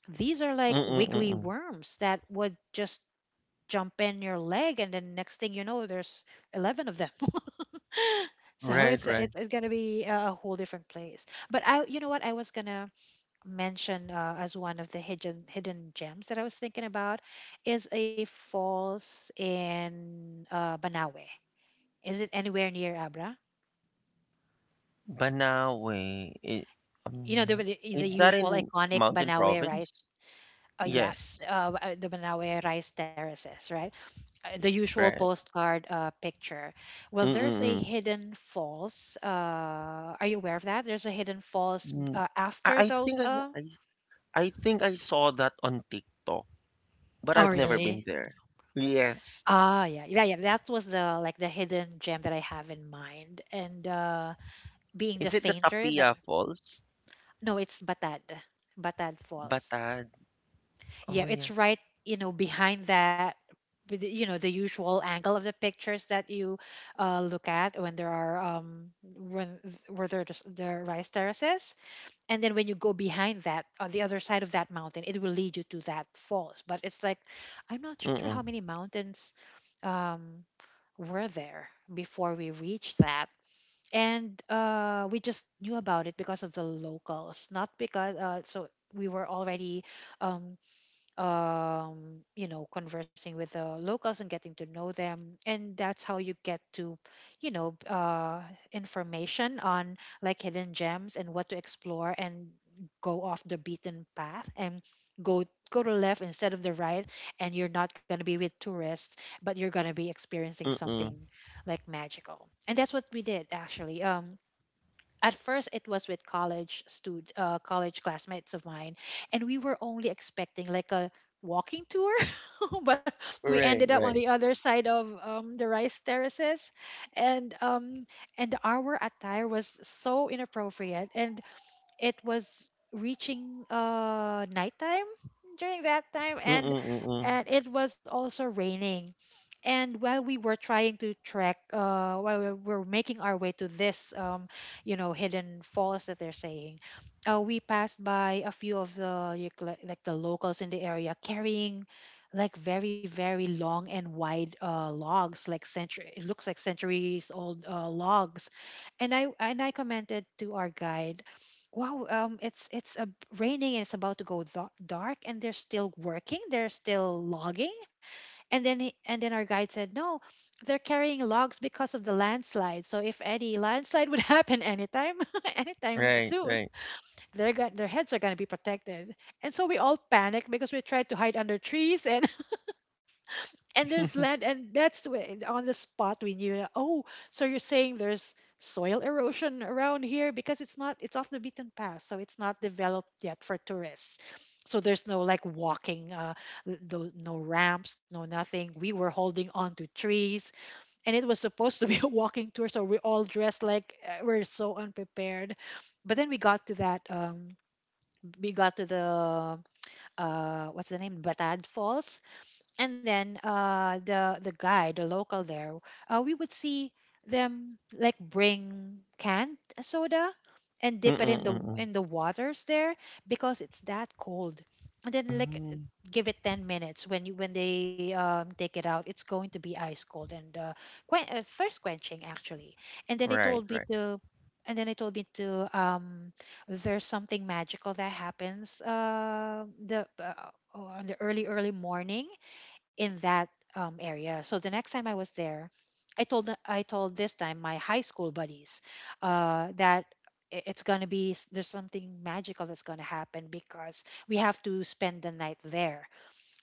S2: These are like
S1: Mm-mm,
S2: wiggly
S1: mm-mm.
S2: worms that would just jump in your leg, and then next thing you know, there's 11 of them. So
S1: Right, right.
S2: it's gonna be a whole different place. But I, you know what, I was gonna mention as one of the hidden gems that I was thinking about is a falls in Banawe. Is it anywhere near Abra?
S1: Banawe.
S2: You know
S1: Um,
S2: the the
S1: is
S2: the
S1: that
S2: usual
S1: in
S2: iconic
S1: Mountain
S2: Banawe rice.
S1: Province?
S2: Oh yes,
S1: Yes.
S2: the Banawe rice terraces, right? The usual
S1: Right.
S2: postcard picture. Well, there's a
S1: Mm-mm.
S2: hidden false. Are you aware of that? There's a hidden false
S1: Mm. I,
S2: after
S1: I
S2: those.
S1: think I, I I think I saw that on TikTok, but
S2: Oh,
S1: I've never been
S2: really?
S1: there. Yes.
S2: Ah, yeah, yeah, yeah. That was the like the hidden gem that I have in mind. And being the
S1: Is it the
S2: fainter, that
S1: Tapia Falls?
S2: no, it's Batad, Batad Falls.
S1: Batad. Oh
S2: Yeah, it's
S1: yeah.
S2: right, you know, behind that, with you know, the usual angle of the pictures that you look at when there are when where there the rice terraces, and then when you go behind that on the other side of that mountain, it will lead you to that falls. But it's like, I'm not sure how
S1: Mm-mm.
S2: many mountains um were there before we reached that. And we just knew about it because of the locals, not because we were already um, you know, conversing with the locals and getting to know them. And that's how you get to, you know, information on like hidden gems and what to explore, and go off the beaten path, and go go to left instead of the right, and you're not going to be with tourists, but you're going to be experiencing
S1: Mm-mm.
S2: something like magical. And that's what we did, actually. At first it was with college classmates of mine, and we were only expecting like a walking tour, but we
S1: Right,
S2: ended up on
S1: right.
S2: the other side of the rice terraces. And um and our attire was so inappropriate, and it was reaching nighttime during that time,
S1: Mm, mm. Mm mm.
S2: and it was also raining. And while we were trying to trek, while we were making our way to this you know, hidden falls that they're saying, we passed by a few of the like the locals in the area carrying like very long and wide logs, like century, it looks like centuries old logs. And I commented to our guide, "Wow, it's raining and it's about to go dark, and they're still working. They're still logging." And and then our guide said, "No, they're carrying logs because of the landslide. So if any landslide would happen anytime, anytime
S1: Right,
S2: soon,
S1: right.
S2: they're got their heads are gonna be protected." And so we all panicked because we tried to hide under trees, and there's land and that's when on the spot we knew that, oh, so you're saying there's soil erosion around here because it's not, it's off the beaten path, so it's not developed yet for tourists, so there's no like walking no, no ramps, no nothing. We were holding on to trees, and it was supposed to be a walking tour, so we all dressed like we're so unprepared. But then we got to the what's the name, Batad Falls. And then the guy, the local there, we would see them like bring canned soda and
S1: Mm,
S2: dip it in
S1: mm, mm.
S2: the waters there because it's that cold. And then like
S1: Mm.
S2: give it 10 minutes when you when they take it out, it's going to be ice cold, and thirst quenching, actually. and then they told
S1: Right,
S2: me
S1: right.
S2: to and then they told me to there's something magical that happens the on the early morning in that area. So the next time I was there, I told I told this time my high school buddies that it's gonna be there's something magical that's gonna happen because we have to spend the night there.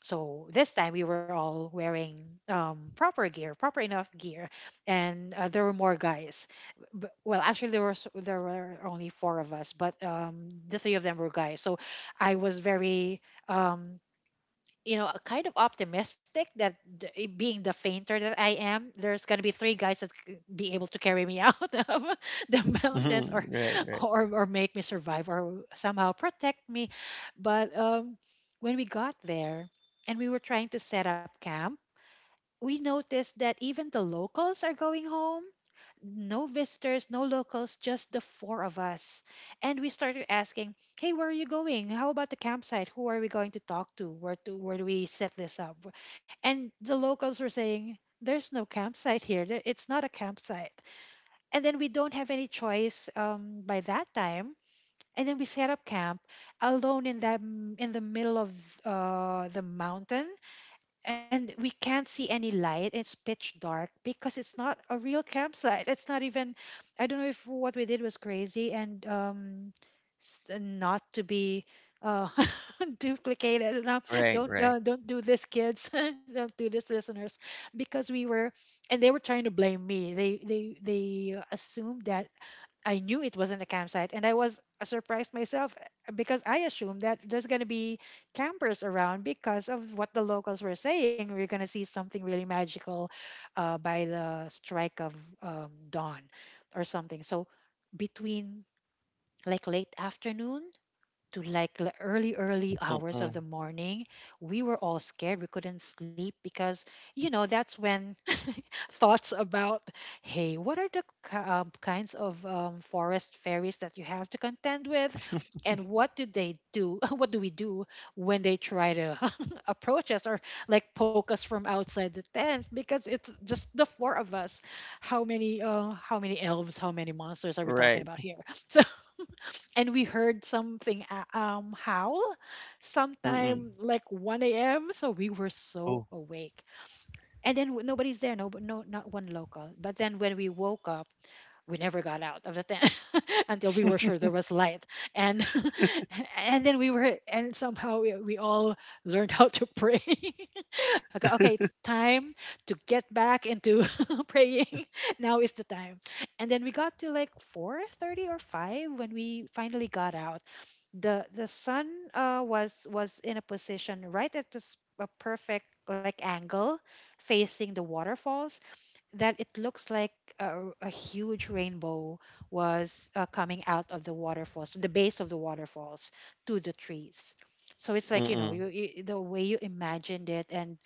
S2: So this time we were all wearing proper gear, proper enough gear, and there were more guys. Well, actually there were only four of us, but the three of them were guys. So I was very um, you know, kind of optimistic that being the fainter that I am, there's going to be three guys that could be able to carry me out of the mountains,
S1: Mm. Right, right.
S2: or make me survive or somehow protect me. But when we got there and we were trying to set up camp, we noticed that even the locals are going home. No visitors, no locals, just the four of us. And we started asking, "Hey, where are you going? How about the campsite? Who are we going to talk to? Where do we set this up?" And the locals were saying, "There's no campsite here. It's not a campsite." And then we don't have any choice by that time. And then we set up camp alone in the middle of the mountain, and we can't see any light. It's pitch dark because it's not a real campsite. It's not even. I don't know if what we did was crazy and not to be uh, duplicated. No,
S1: Right, right.
S2: don't do this, kids. Don't do this, listeners, because we were and they were trying to blame me. They assumed that I knew it wasn't a campsite, and I was surprised myself because I assumed that there's gonna be campers around because of what the locals were saying. We're gonna see something really magical by the strike of dawn or something. So between like late afternoon to like the early hours of
S1: Mm-mm.
S2: the morning, we were all scared. We couldn't sleep because you know that's when thoughts about hey what are the kinds of forest fairies that you have to contend with, and what do they do, what do we do when they try to approach us or like poke us from outside the tent, because it's just the four of us. How many how many elves, how many monsters are we talking
S1: Right.
S2: about here? And we heard something howl
S1: Mm-mm.
S2: sometime like 1 a.m., so we were so
S1: Oh.
S2: awake. And then nobody's there, no, not one local. But then when we woke up, we never got out of the tent until we were sure there was light. And and then we were, and somehow we all learned how to pray. Okay, okay, it's time to get back into praying. Now is the time. And then we got to like 4:30 or 5 when we finally got out. The sun was in a position right at this a perfect like angle facing the waterfalls that it looks like a huge rainbow was coming out of the waterfalls, the base of the waterfalls to the trees. So it's like, you know,
S1: Mm-mm.
S2: you the way you imagined it and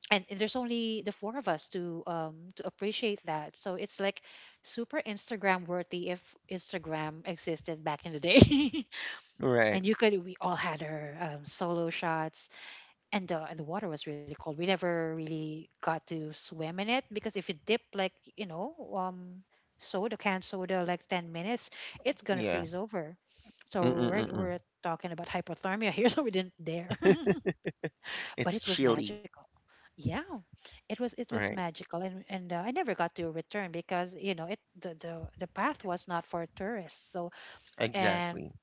S2: and there's only the four of us to appreciate that, so it's like super Instagram worthy if Instagram existed back in the day.
S1: Right.
S2: And you could, we all had our solo shots, and the water was really cold. We never really got to swim in it because if you dip, like, you know, soda, canned soda, like 10 minutes, it's gonna
S1: Yeah.
S2: freeze over.
S1: Mm.
S2: So we're,
S1: Mm-mm-mm.
S2: we're talking about hypothermia here, so we didn't dare. But
S1: It's
S2: it was
S1: chilly.
S2: magical. Yeah, it was
S1: Right.
S2: magical, and I never got to return because, you know, it the path was not for tourists. So, and
S1: Exactly.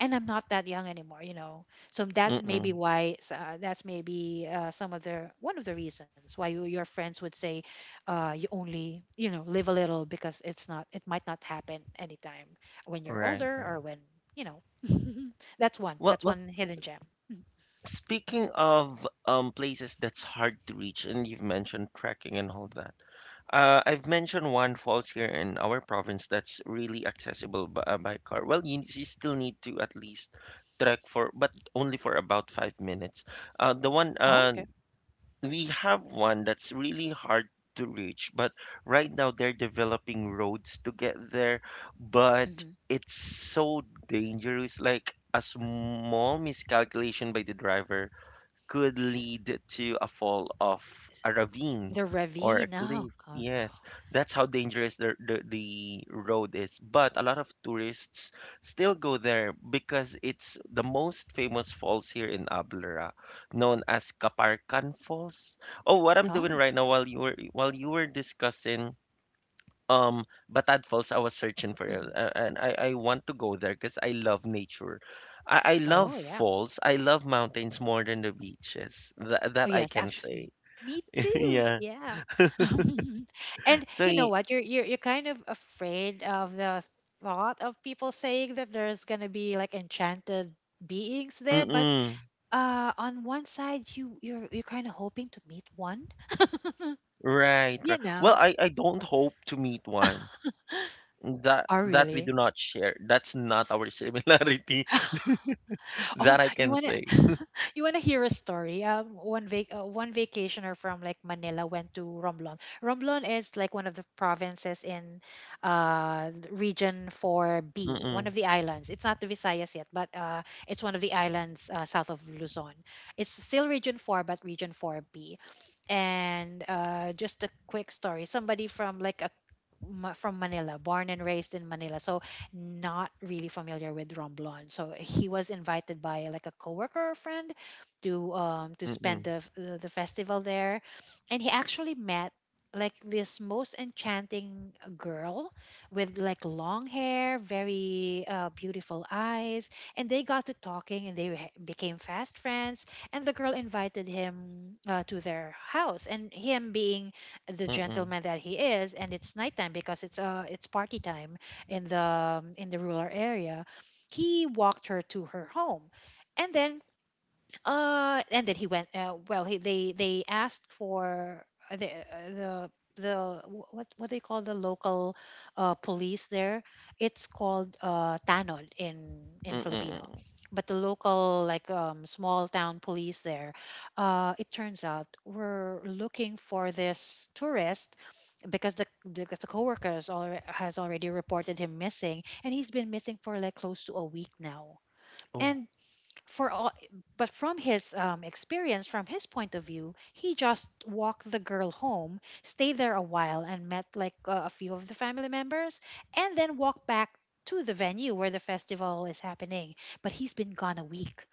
S2: and I'm not that young anymore, you know. So that may be
S1: Mm-mm.
S2: why that's maybe some of the one of the reasons why your friends would say, you only, you know, live a little because it's not, it might not happen anytime when you're
S1: Right,
S2: older
S1: right.
S2: or when you know. That's
S1: Well, well,
S2: one hidden gem.
S1: speaking of places that's hard to reach, and you've mentioned trekking and all that. I've mentioned one falls here in our province that's really accessible by car. Well, you still need to at least trek for, but only for about 5 minutes. The one
S2: Oh, okay.
S1: We have one that's really hard to reach, but right now they're developing roads to get there,
S2: Mhm.
S1: but it's so dangerous. Like a small miscalculation by the driver could lead to a fall of a
S2: The
S1: ravine or
S2: ravine.
S1: a
S2: Oh,
S1: cliff.
S2: oh no.
S1: Yes, that's how dangerous the road is. But a lot of tourists still go there because it's the most famous falls here in Ablara, known as Kaparkan Falls. Oh, what I'm
S2: Oh,
S1: doing right now while you were discussing um, Batad Falls, I was searching for it,
S2: hmm,
S1: and I want to go there because I love nature. I
S2: oh
S1: love
S2: yeah.
S1: falls. I love mountains more than the beaches. That
S2: Oh
S1: that I
S2: yes,
S1: can say.
S2: actually. Me too.
S1: Yeah.
S2: Yeah. And
S1: So,
S2: you know
S1: y-
S2: what? You're kind of afraid of the thought of people saying that there's gonna be, like, enchanted beings there, but
S1: mm-mm.
S2: on one side, you're kind of hoping to meet one,
S1: Right,
S2: you
S1: right. Well,
S2: know.
S1: I don't hope to meet one. That
S2: Oh
S1: that we do
S2: really?
S1: not share. That's not our similarity.
S2: Oh,
S1: That I
S2: you
S1: can
S2: wanna
S1: say.
S2: you wanna hear a story? One vac one vacationer from, like, Manila went to Romblon. Romblon is, like, one of the provinces in region 4B, one of the islands. It's not the Visayas yet, but it's one of the islands south of Luzon. It's still region 4, but region 4B. And just a quick story. Somebody from, like, a from Manila, born and raised in Manila. So not really familiar with Romblon. So he was invited by, like, a coworker or friend to spend
S1: Mm-mm.
S2: the festival there, and he actually met, like, this most enchanting girl with, like, long hair, very beautiful eyes, and they got to talking, and became fast friends. And the girl invited him to their house, and him being the
S1: Mm-mm.
S2: gentleman that he is, and it's nighttime because it's it's party time in the rural area. He walked her to her home, and then he went well, he, they asked for uh, the uh, the the what do you call the local police there? It's called tanod in
S1: Mm-mm.
S2: filipino,
S1: Mm-mm.
S2: but the local, like, small town police there, it turns out were looking for this tourist because the because the coworkers alre has already reported him missing, and he's been missing for, like, close to a week now.
S1: Oh.
S2: And for all, but from his experience, from his point of view, he just walked the girl home, stayed there a while, and met, like, a few of the family members, and then walked back to the venue where the festival is happening. But he's been gone a week,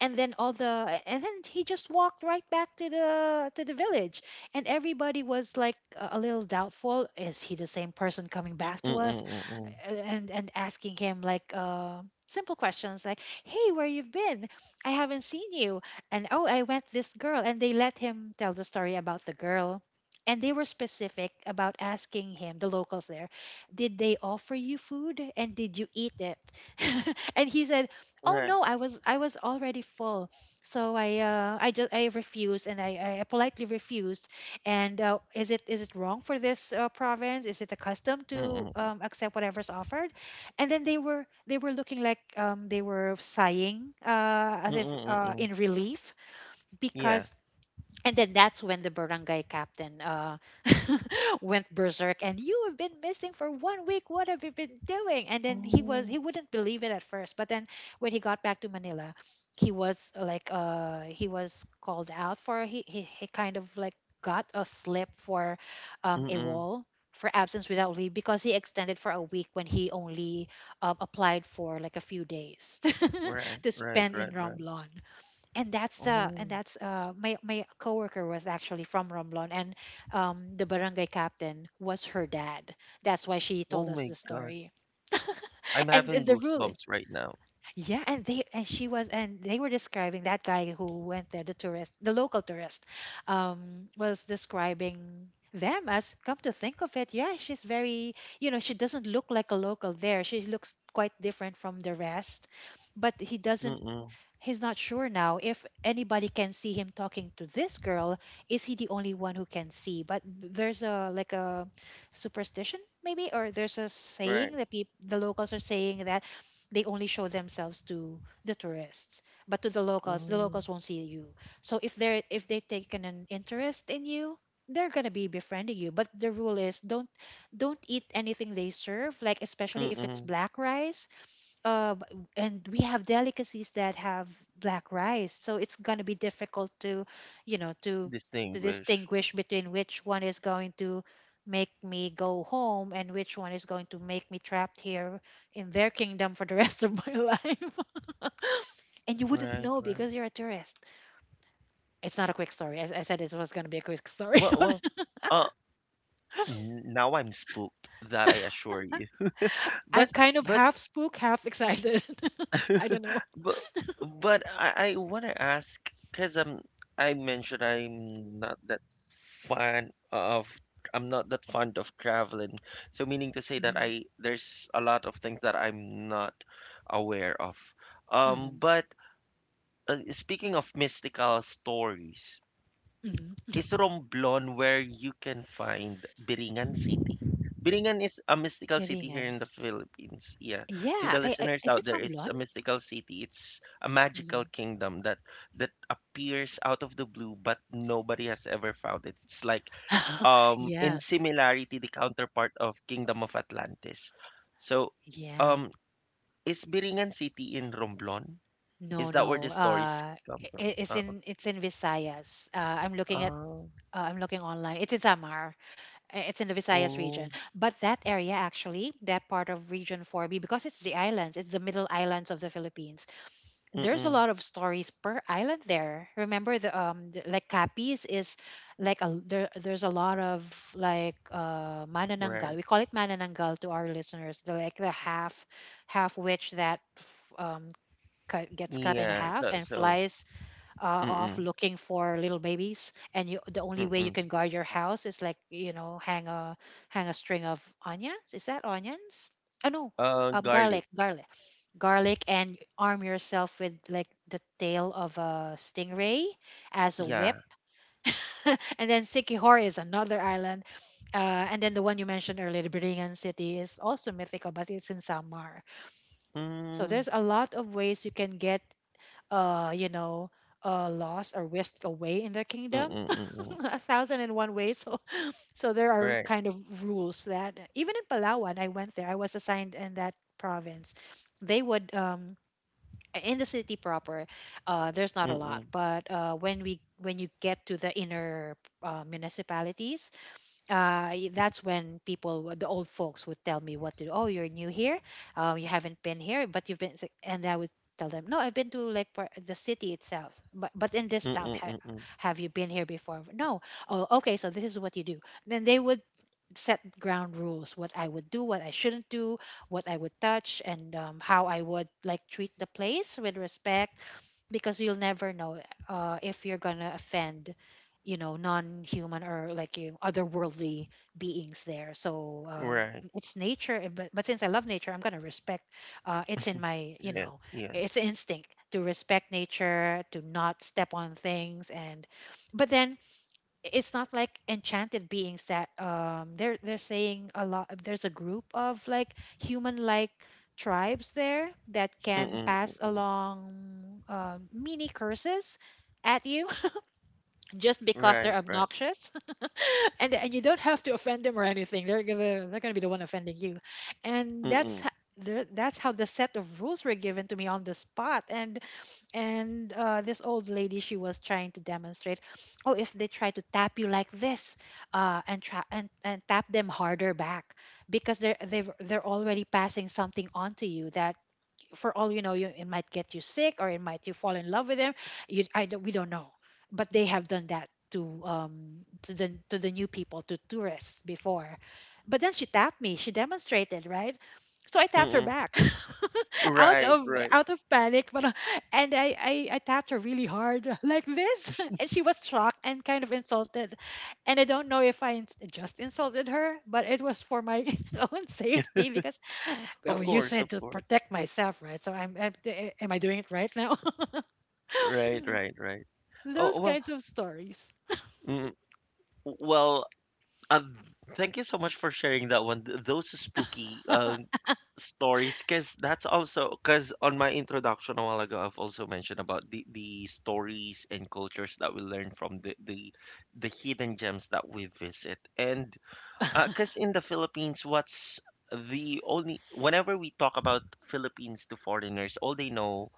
S2: and then he just walked right back to the village, and everybody was like, a little doubtful, is he the same person coming back to
S1: Mm-mm.
S2: us,
S1: Mm-mm.
S2: and asking him like simple questions, like, hey, where you've been? I haven't seen you. And oh, I went this girl, and they let him tell the story about the girl, and they were specific about asking him, the locals there, did they offer you food, and did you eat it? And he said, oh
S1: Right.
S2: no, I was already full, so I refused, and I politely refused. And is it wrong for this province? Is it accustomed
S1: Mm-mm.
S2: to
S1: Mm-mm.
S2: accept whatever's offered? And then they were looking, like, they were sighing as if
S1: Mm-mm.
S2: in relief
S1: Yeah.
S2: because, and then that's when the barangay captain went berserk. And you have been missing for 1 week, what have you been doing? And then he was,
S1: Oh.
S2: he wouldn't believe it at first, but then when he got back to Manila, he was he was called out for, he kind of like got a slip for a
S1: Mm-mm.
S2: wall, for absence without leave because he extended for a week when he only applied for, like, a few days
S1: Right,
S2: to
S1: right,
S2: spend in
S1: right, right.
S2: Romblon. and that's the and
S1: Oh,
S2: that's uh my my coworker was actually from Romblon, and the barangay captain was her dad. That's why she
S1: oh
S2: told us
S1: my
S2: the
S1: God.
S2: story.
S1: I'm
S2: And
S1: having
S2: the rule,
S1: goosebumps right now.
S2: yeah, and they, and she was, and they were describing that guy who went there, the tourist, the local tourist, was describing them, as come to think of it, yeah, she's very, you know, she doesn't look like a local there. She looks quite different from the rest, but he doesn't.
S1: Mm-mm.
S2: He's not sure now if anybody can see him talking to this girl. Is he the only one who can see? But there's, a like, a superstition maybe, or there's a
S1: Right.
S2: saying that peop the locals are saying that they only show themselves to the tourists, but to the
S1: Oh.
S2: locals won't see you. So if they're, if they've taken an interest in you, they're gonna be befriending you. But the rule is, don't eat anything they serve, like, especially if it's
S1: Mm-mm.
S2: black rice. uh, b- and we have delicacies that have black rice, so it's gonna be difficult to, you know, to
S1: Distinguish.
S2: distinguish between which one is going to make me go home and which one is going to make me trapped here in their kingdom for the rest of my life. And you wouldn't
S1: Right,
S2: know
S1: right.
S2: because you're a tourist. It's not a quick story. I said it was gonna be a quick story.
S1: Well,
S2: But
S1: uh, now I'm spooked, that I assure you.
S2: I'm
S1: But,
S2: kind of
S1: but
S2: half spooked, half excited. I don't know.
S1: But but I want to ask, because I mentioned fan of I'm not that fond of traveling. So meaning to say that
S2: Mm-hmm.
S1: I there's a lot of things that I'm not aware of.
S2: Mm-hmm.
S1: But speaking of mystical stories,
S2: Mm-hmm.
S1: is Romblon where you can find Biringan City? Biringan is a mystical city here
S2: Piringan.
S1: in the Philippines. Yeah. To the
S2: Yeah.
S1: listeners
S2: Is
S1: out
S2: it
S1: there, it's
S2: Ramblon?
S1: a mystical city. It's a magical
S2: Mm-hmm.
S1: kingdom that appears out of the blue, but nobody has ever found it. It's like in
S2: Yeah,
S1: similarity the counterpart of Kingdom of Atlantis. So
S2: yeah.
S1: um is Biringan City in Romblon?
S2: No,
S1: Is that where the
S2: no.
S1: stories come from?
S2: It's in, it's in Visayas. I'm looking at
S1: Uh,
S2: I'm looking online. It's in Samar. It's in the Visayas region.
S1: oh,
S2: But that area actually, that part of Region 4B, because it's the islands, it's the middle islands of the Philippines. There's a
S1: mm-mm,
S2: lot of stories per island there. Remember the like, Capiz is like a, there, there's a lot of like manananggal.
S1: right.
S2: We call it manananggal to our listeners. The, like, the half half witch that cut, gets cut in
S1: Yeah,
S2: half
S1: so
S2: and
S1: so
S2: flies of
S1: mm-mm,
S2: looking for little babies. And you, the only way you
S1: mm-mm.
S2: can guard your house is, like, you know, hang a hang a string of onions. Is that onions? Oh no,
S1: Garlic.
S2: garlic, garlic, garlic. And arm yourself with, like, the tail of a stingray as a
S1: Yeah.
S2: whip. And then Sikihor is another island, and then the one you mentioned earlier, the Biringan City, is also mythical, but it's in Samar. So
S1: Mm,
S2: there's a lot of ways you can get you know, lost or whisked away in their kingdom,
S1: mm-mm, mm-mm.
S2: a thousand and one ways. So, so there are
S1: Right.
S2: kind of rules that even in Palawan, I went there. I was assigned in that province. They would in the city proper, there's not a lot,
S1: Mm-mm,
S2: but when we when you get to the inner municipalities, that's when people, the old folks, would tell me what to do. Oh, you're new here. You haven't been here, but you've been. And I would tell them, no, I've been to like the city itself, but in this
S1: mm-mm,
S2: town,
S1: mm-mm.
S2: have you been here before? No. Oh, okay. So this is what you do. Then they would set ground rules: what I would do, what I shouldn't do, what I would touch, and how I would, like, treat the place with respect, because you'll never know if you're gonna offend, you know, non-human or like you otherworldly beings there. So
S1: Right.
S2: it's nature, and but since I love nature, I'm gonna respect it's in my you
S1: Yes,
S2: know, it's
S1: yes.
S2: instinct to respect nature, to not step on things. And but then it's not, like, enchanted beings that they're saying. A lot, there's a group of, like, human like tribes there that can
S1: Mm-mm,
S2: pass
S1: mm-mm.
S2: along mini curses at you. Just because
S1: Right,
S2: they're
S1: right.
S2: obnoxious. And you don't have to offend them or anything, they're gonna be the one offending you. And that's
S1: Mm-mm,
S2: that's how the set of rules were given to me on the spot. And this old lady, she was trying to demonstrate, oh, if they try to tap you like this, and try and tap them harder back, because they're they're already passing something on to you that, for all you know, it might get you sick, or it might you fall in love with them. You, I don't, We don't know, but they have done that to the new people, to tourists before. But then she tapped me. She demonstrated, right? So I tapped her
S1: mm-mm.
S2: back out
S1: Right,
S2: of
S1: right.
S2: out of panic, but and I tapped her really hard like this, and she was shocked and kind of insulted, and I don't know if I just insulted her, but it was for my own safety because, well,
S1: Of
S2: you
S1: course, of
S2: said to
S1: course.
S2: protect myself, right? So am I doing it right now?
S1: Right, right, right.
S2: Those
S1: Oh, well,
S2: kinds of stories.
S1: mm, well, uh, thank you so much for sharing that one. Those spooky stories, because that's also because on my introduction a while ago I've also mentioned about the stories and cultures that we learn from the hidden gems that we visit. And because in the Philippines, what's the only whenever we talk about Philippines to foreigners, all they know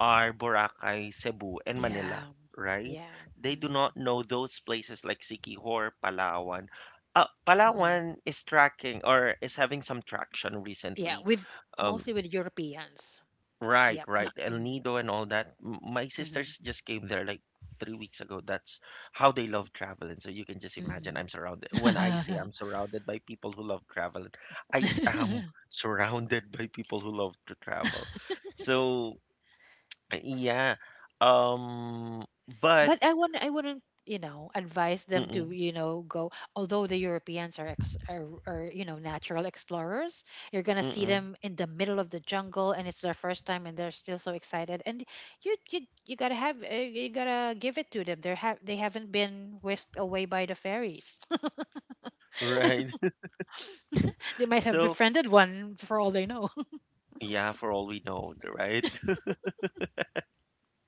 S1: are Boracay, Cebu and Manila,
S2: Yeah,
S1: right?
S2: yeah.
S1: They do
S2: Hmm.
S1: not know those places like Siquijor, Palawan.
S2: Hmm.
S1: Palawan is tracking, or is having some traction
S2: Yeah.
S1: recently.
S2: With,
S1: Um.
S2: mostly with Europeans.
S1: Right,
S2: Yep.
S1: right.
S2: Not,
S1: El
S2: hmm
S1: Nido and all that. My sisters just came there like 3 weeks ago. That's how they love traveling. So you can just imagine
S2: hmm
S1: I'm surrounded. When I say I'm surrounded by people who love traveling, I am
S2: hmm
S1: surrounded by people who love to travel. So yeah. But,
S2: But I wouldn't, you know, advise them to,
S1: mm-mm,
S2: you know, go. Although the Europeans are, you know, natural explorers, you're gonna see
S1: mm-mm,
S2: them in the middle of the jungle, and it's their first time, and they're still so excited. And you, you, you gotta have, you gotta give it to them. They haven't been whisked away by the fairies.
S1: right.
S2: They might have
S1: So
S2: befriended one for all they know.
S1: yeah, for all we know, right?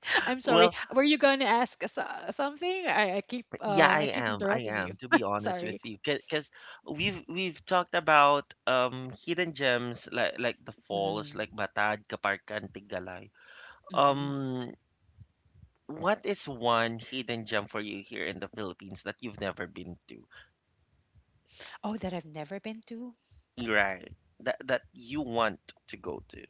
S2: I'm sorry.
S1: Well,
S2: Were you going to ask something?
S1: yeah, I
S2: I keep
S1: am. I
S2: interrupting you.
S1: am, to be honest with
S2: Sorry.
S1: you, because we've talked about hidden gems like the falls,
S2: Hmm.
S1: like Batad, Kaparkan, Tigalay.
S2: Hmm.
S1: Um, what is one hidden gem for you here in the Philippines that you've never been to?
S2: Oh, that I've never been to.
S1: Right. That you want to go to.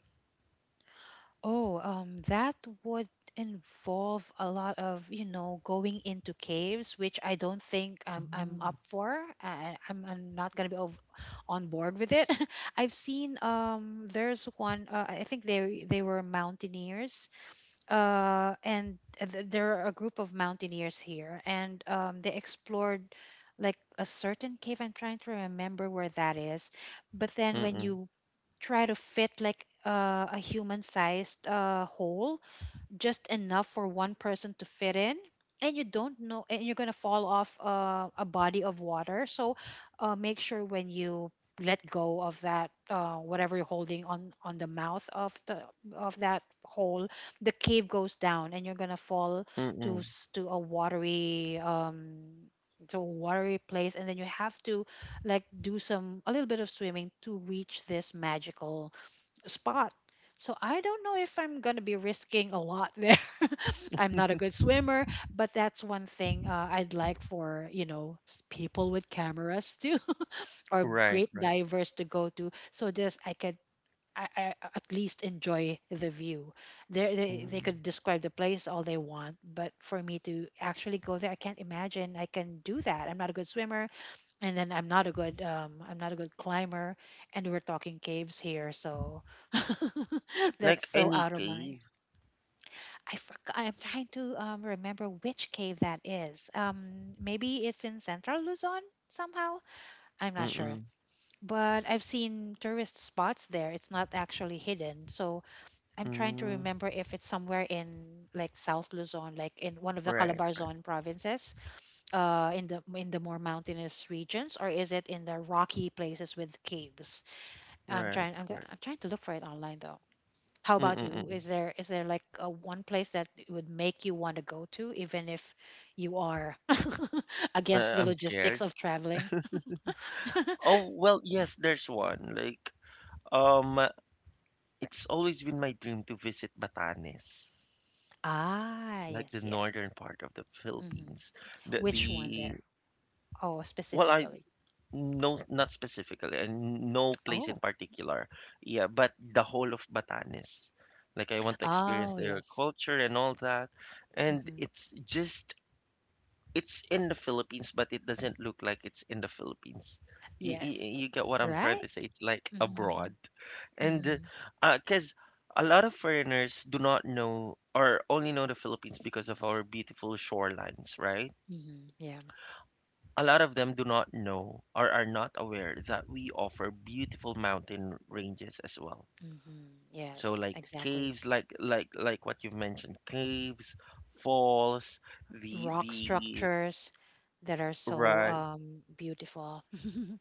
S2: Oh, that would involve a lot of, you know, going into caves, which I don't think I'm
S1: Mm.
S2: up for. I'm not gonna be ov on board with it. I've seen, there's one. I think they were mountaineers. And there are a group of mountaineers here, and, they explored like a certain cave. I'm trying to remember where that is, but then when
S1: Mm-mm.
S2: you try to fit like, a human sized, hole just enough for one person to fit in, and you don't know, and you're going to fall off, a body of water. So, make sure when you let go of that, whatever you're holding on the mouth of the of that hole, the cave goes down and you're going to fall to
S1: Mm-mm.
S2: to a watery, um, to a watery place, and then you have to like do some a little bit of swimming to reach this magical spot. So I don't know if I'm going to be risking a lot there. I'm not a good swimmer, but that's one thing, I'd like for, you know, people with cameras too, or
S1: Right,
S2: great
S1: right.
S2: divers to go to. So this I could, I, I at least enjoy the view. There they
S1: Mm.
S2: could describe the place all they want, but for me to actually go there, I can't imagine I can do that. I'm not a good swimmer, and then I'm not a good, um, I'm not a good climber, and we're talking caves here. So that's
S1: Like
S2: so
S1: any
S2: out of my.
S1: cave.
S2: I forgot. I'm trying to, um, remember which cave that is. Um, maybe it's in central Luzon somehow. I'm not sure,
S1: Mm-mm.
S2: but I've seen tourist spots there, it's not actually hidden. So I'm trying to
S1: Mm.
S2: remember if it's somewhere in like South Luzon, like in one of the
S1: Right,
S2: Calabarzon provinces, in the more mountainous regions, or is it in the rocky places with caves? I'm
S1: right,
S2: trying.
S1: right.
S2: I'm trying to look for it online though. How about you?
S1: Mm-mm.
S2: Is there like a one place that would make you want to go to, even if you are against the
S1: I'm
S2: logistics
S1: scared.
S2: of traveling?
S1: Oh, well, yes, there's one. Like, um, it's always been my dream to visit Batanes,
S2: Ah,
S1: like the
S2: yes,
S1: northern
S2: yes.
S1: part of the
S2: Hmm.
S1: Philippines. The,
S2: Which one there?
S1: the,
S2: Oh,
S1: well, I
S2: specifically.
S1: no, not specifically, and no place in
S2: Oh,
S1: particular. Yeah, but the whole of Batanes. Like, I want to experience
S2: oh,
S1: their
S2: yes.
S1: culture and all that. And
S2: Hmm.
S1: it's just, it's in the Philippines, but it doesn't look like it's in the Philippines. You,
S2: Yes.
S1: you, get what I'm trying
S2: Right?
S1: to say? It's like
S2: Hmm.
S1: abroad.
S2: Hmm.
S1: And cause a lot of foreigners do not know, or only know the Philippines because of our beautiful shorelines, right?
S2: Hmm. Yeah.
S1: A lot of them do not know or are not aware that we offer beautiful mountain ranges as well.
S2: Hmm.
S1: So
S2: Yes,
S1: like
S2: exactly.
S1: caves, like what you've mentioned, caves, falls,
S2: Rock
S1: the
S2: structures that are so,
S1: right,
S2: beautiful.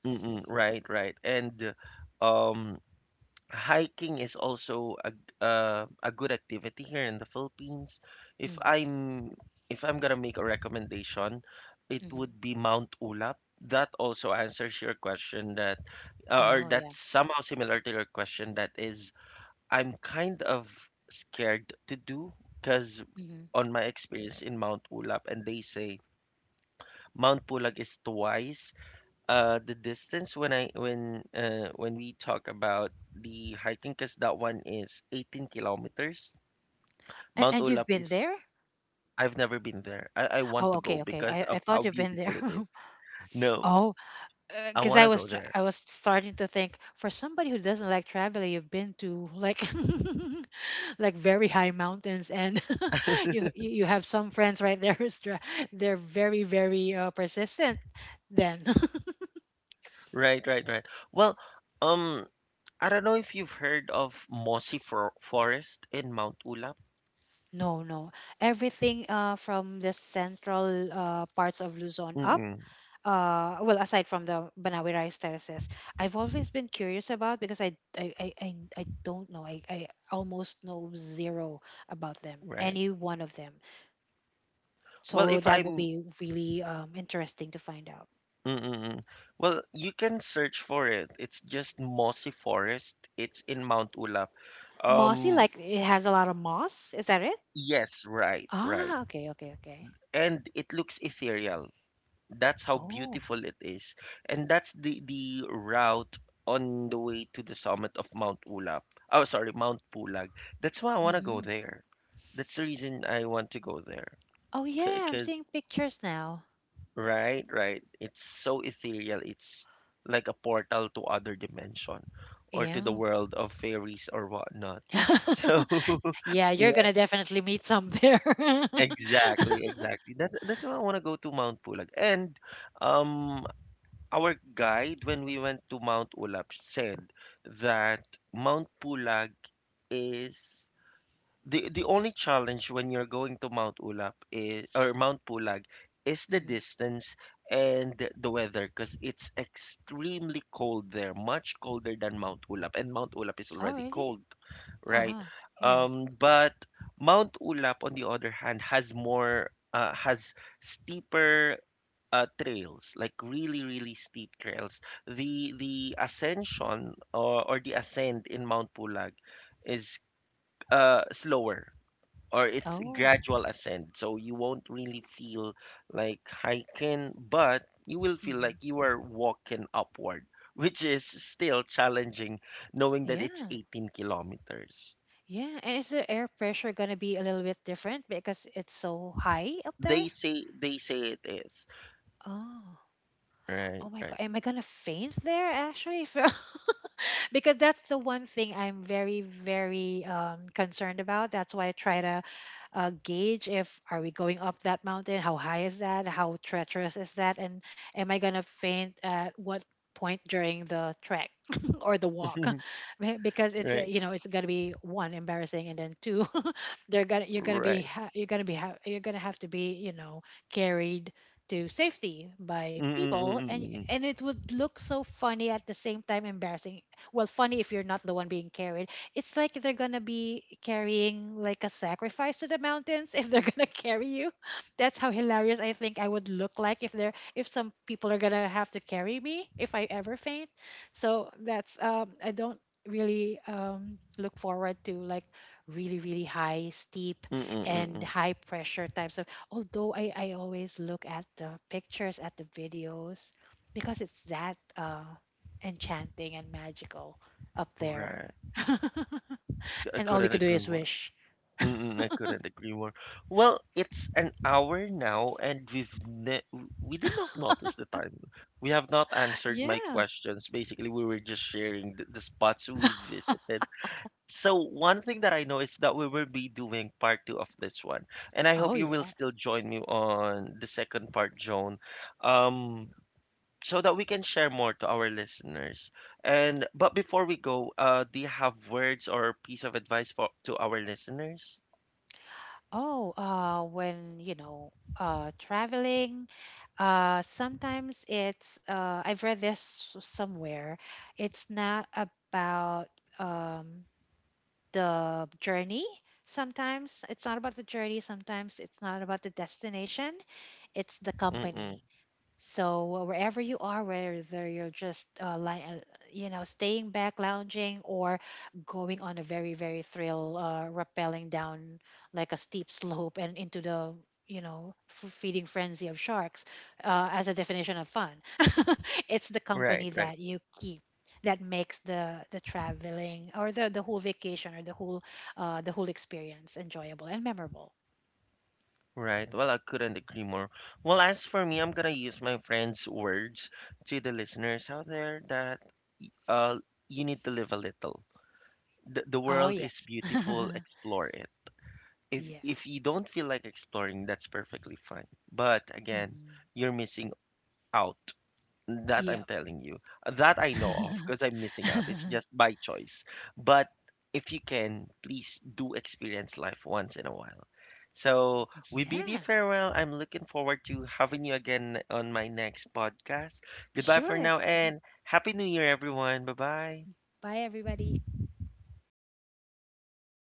S1: mm-mm, right, right, and um hiking is also a good activity here in the Philippines. If
S2: Hmm.
S1: I'm if I'm gonna make a recommendation, it
S2: Hmm.
S1: would be Mount Ulap. That also answers your question, that or
S2: Oh, yeah.
S1: that's somehow similar to your question, that is, I'm kind of scared to do, because
S2: Hmm.
S1: on my experience in Mount Ulap, and they say Mount Pulag is twice the distance, when I when we talk about the hiking, because that one is 18 kilometers. Mount
S2: And you've
S1: Olaf
S2: been
S1: is.
S2: there?
S1: I've never been there. I want
S2: Oh,
S1: to go
S2: okay, okay.
S1: because
S2: I
S1: of how
S2: thought you've been
S1: beautiful
S2: there.
S1: it is. No,
S2: Oh,
S1: I
S2: because
S1: want
S2: I
S1: to
S2: was
S1: go there.
S2: I was starting to think, for somebody who doesn't like traveling, you've been to like like very high mountains, and you have some friends right there who's they're very, very, persistent. Then,
S1: Right, right, right. Well, um I don't know if you've heard of Mossy Forest in Mount Ulap.
S2: no, no. Everything, from the central, parts of Luzon up,
S1: Mm-mm,
S2: well, aside from the Banawi rice terraces, I've always been curious about, because I don't know. I almost know zero about them,
S1: right.
S2: any one of them.
S1: Well,
S2: So
S1: if
S2: that will
S1: I'm.
S2: be really, interesting to find out.
S1: Mm-mm. Well, you can search for it. It's just Mossy Forest. It's in Mount Ulap.
S2: Mossy,
S1: Um,
S2: like it has a lot of moss. Is that it?
S1: Yes, right, right.
S2: Ah, okay, okay, okay.
S1: And it looks ethereal. That's how
S2: Oh,
S1: beautiful it is. And that's the route on the way to the summit of Mount Ulap. Oh, sorry, Mount Pulag. That's why I want to go
S2: mm-hmm.
S1: there. That's the reason I want to go there.
S2: Oh,
S1: C-
S2: yeah, I'm
S1: Cause,
S2: seeing pictures now.
S1: right, right. It's so ethereal. It's like a portal to other dimension, or to the
S2: Yeah.
S1: world of fairies or whatnot. So,
S2: Yeah, you're gonna definitely meet some there.
S1: exactly, exactly. That's why I want to go to Mount Pulag. And um, our guide when we went to Mount Ulap said that Mount Pulag is the only challenge when you're going to Mount Ulap, is, or Mount Pulag, is the
S2: Hmm.
S1: distance and the weather, because it's extremely cold there, much colder than Mount Ulap, and Mount Ulap is
S2: Oh,
S1: already
S2: really?
S1: cold. Right.
S2: Uh-huh. Yeah.
S1: But Mount Ulap, on the other hand, has steeper trails, like really, really steep trails. The ascension, or the ascent in Mount Pulag is slower, or it's
S2: Oh.
S1: gradual ascent, so you won't really feel like hiking, but you will feel
S2: Hmm.
S1: like you are walking upward, which is still challenging, knowing that it's
S2: Yeah.
S1: 18 kilometers.
S2: Yeah. And is the air pressure gonna be a little bit different because it's so high up
S1: They
S2: there?
S1: say they say it is.
S2: Oh. Oh
S1: Right,
S2: my God.
S1: right.
S2: Am I gonna faint there actually? If because that's the one thing I'm very, very, concerned about. That's why I try to, gauge, if are we going up that mountain? How high is that? How treacherous is that? And am I gonna faint at what point during the trek or the walk? Because it's a,
S1: Right,
S2: you know, it's gonna be one embarrassing, and then two, they're gonna
S1: right.
S2: you're gonna have to be, you know, carried to safety by people,
S1: Mm-mm-mm-mm-mm.
S2: and it would look so funny, at the same time embarrassing. Well, funny if you're not the one being carried. It's like they're gonna be carrying like a sacrifice to the mountains if they're gonna carry you. That's how hilarious I think I would look like, if they're, if some people are gonna have to carry me if I ever faint. So that's, um, I don't really, um, look forward to like really, really high, steep
S1: Mm mm
S2: and
S1: mm.
S2: high pressure types of. Although I always look at the pictures, at the videos, because it's that, uh, enchanting and magical up there.
S1: Right. I
S2: And all we
S1: couldn't
S2: could do
S1: agree
S2: is
S1: more.
S2: wish.
S1: Mm-mm, I couldn't agree more. Well, it's an hour now, and we did not notice the time. We have not answered my
S2: Yeah.
S1: questions. Basically, we were just sharing the spots we visited. So one thing that I know is that we will be doing part two of this one, and I hope
S2: Oh
S1: you will still
S2: yes.
S1: join me on the second part, Joan, um, so that we can share more to our listeners. And but before we go, do you have words or piece of advice for to our listeners?
S2: Oh, when, you know, traveling, sometimes it's, I've read this somewhere. It's not about, um, the journey. Sometimes it's not about the journey. Sometimes it's not about the destination. It's the
S1: Mm-mm.
S2: company. So, wherever you are, whether you're just, you know, staying back, lounging, or going on a very, very thrill, rappelling down like a steep slope and into the, you know, feeding frenzy of sharks, as a definition of fun, it's the
S1: Right,
S2: company
S1: right,
S2: that you keep that makes the traveling, or the whole vacation, or the whole, the whole experience enjoyable and memorable.
S1: right. Well, I couldn't agree more. Well, as for me, I'm gonna use my friend's words to the listeners out there, that uh, you need to live a little. The
S2: Oh
S1: world is
S2: yes,
S1: beautiful, explore it. if
S2: yeah.
S1: if you don't feel like exploring, that's perfectly fine, but again,
S2: Hmm.
S1: you're missing out, that
S2: Yeah.
S1: I'm telling you, that I know of, because I'm missing out. It's just by choice, but if you can, please do experience life once in a while. So we bid you
S2: Yeah,
S1: farewell. I'm looking forward to having you again on my next podcast. Goodbye for
S2: sure.
S1: now, and happy new year everyone. Bye bye.
S2: Bye, everybody.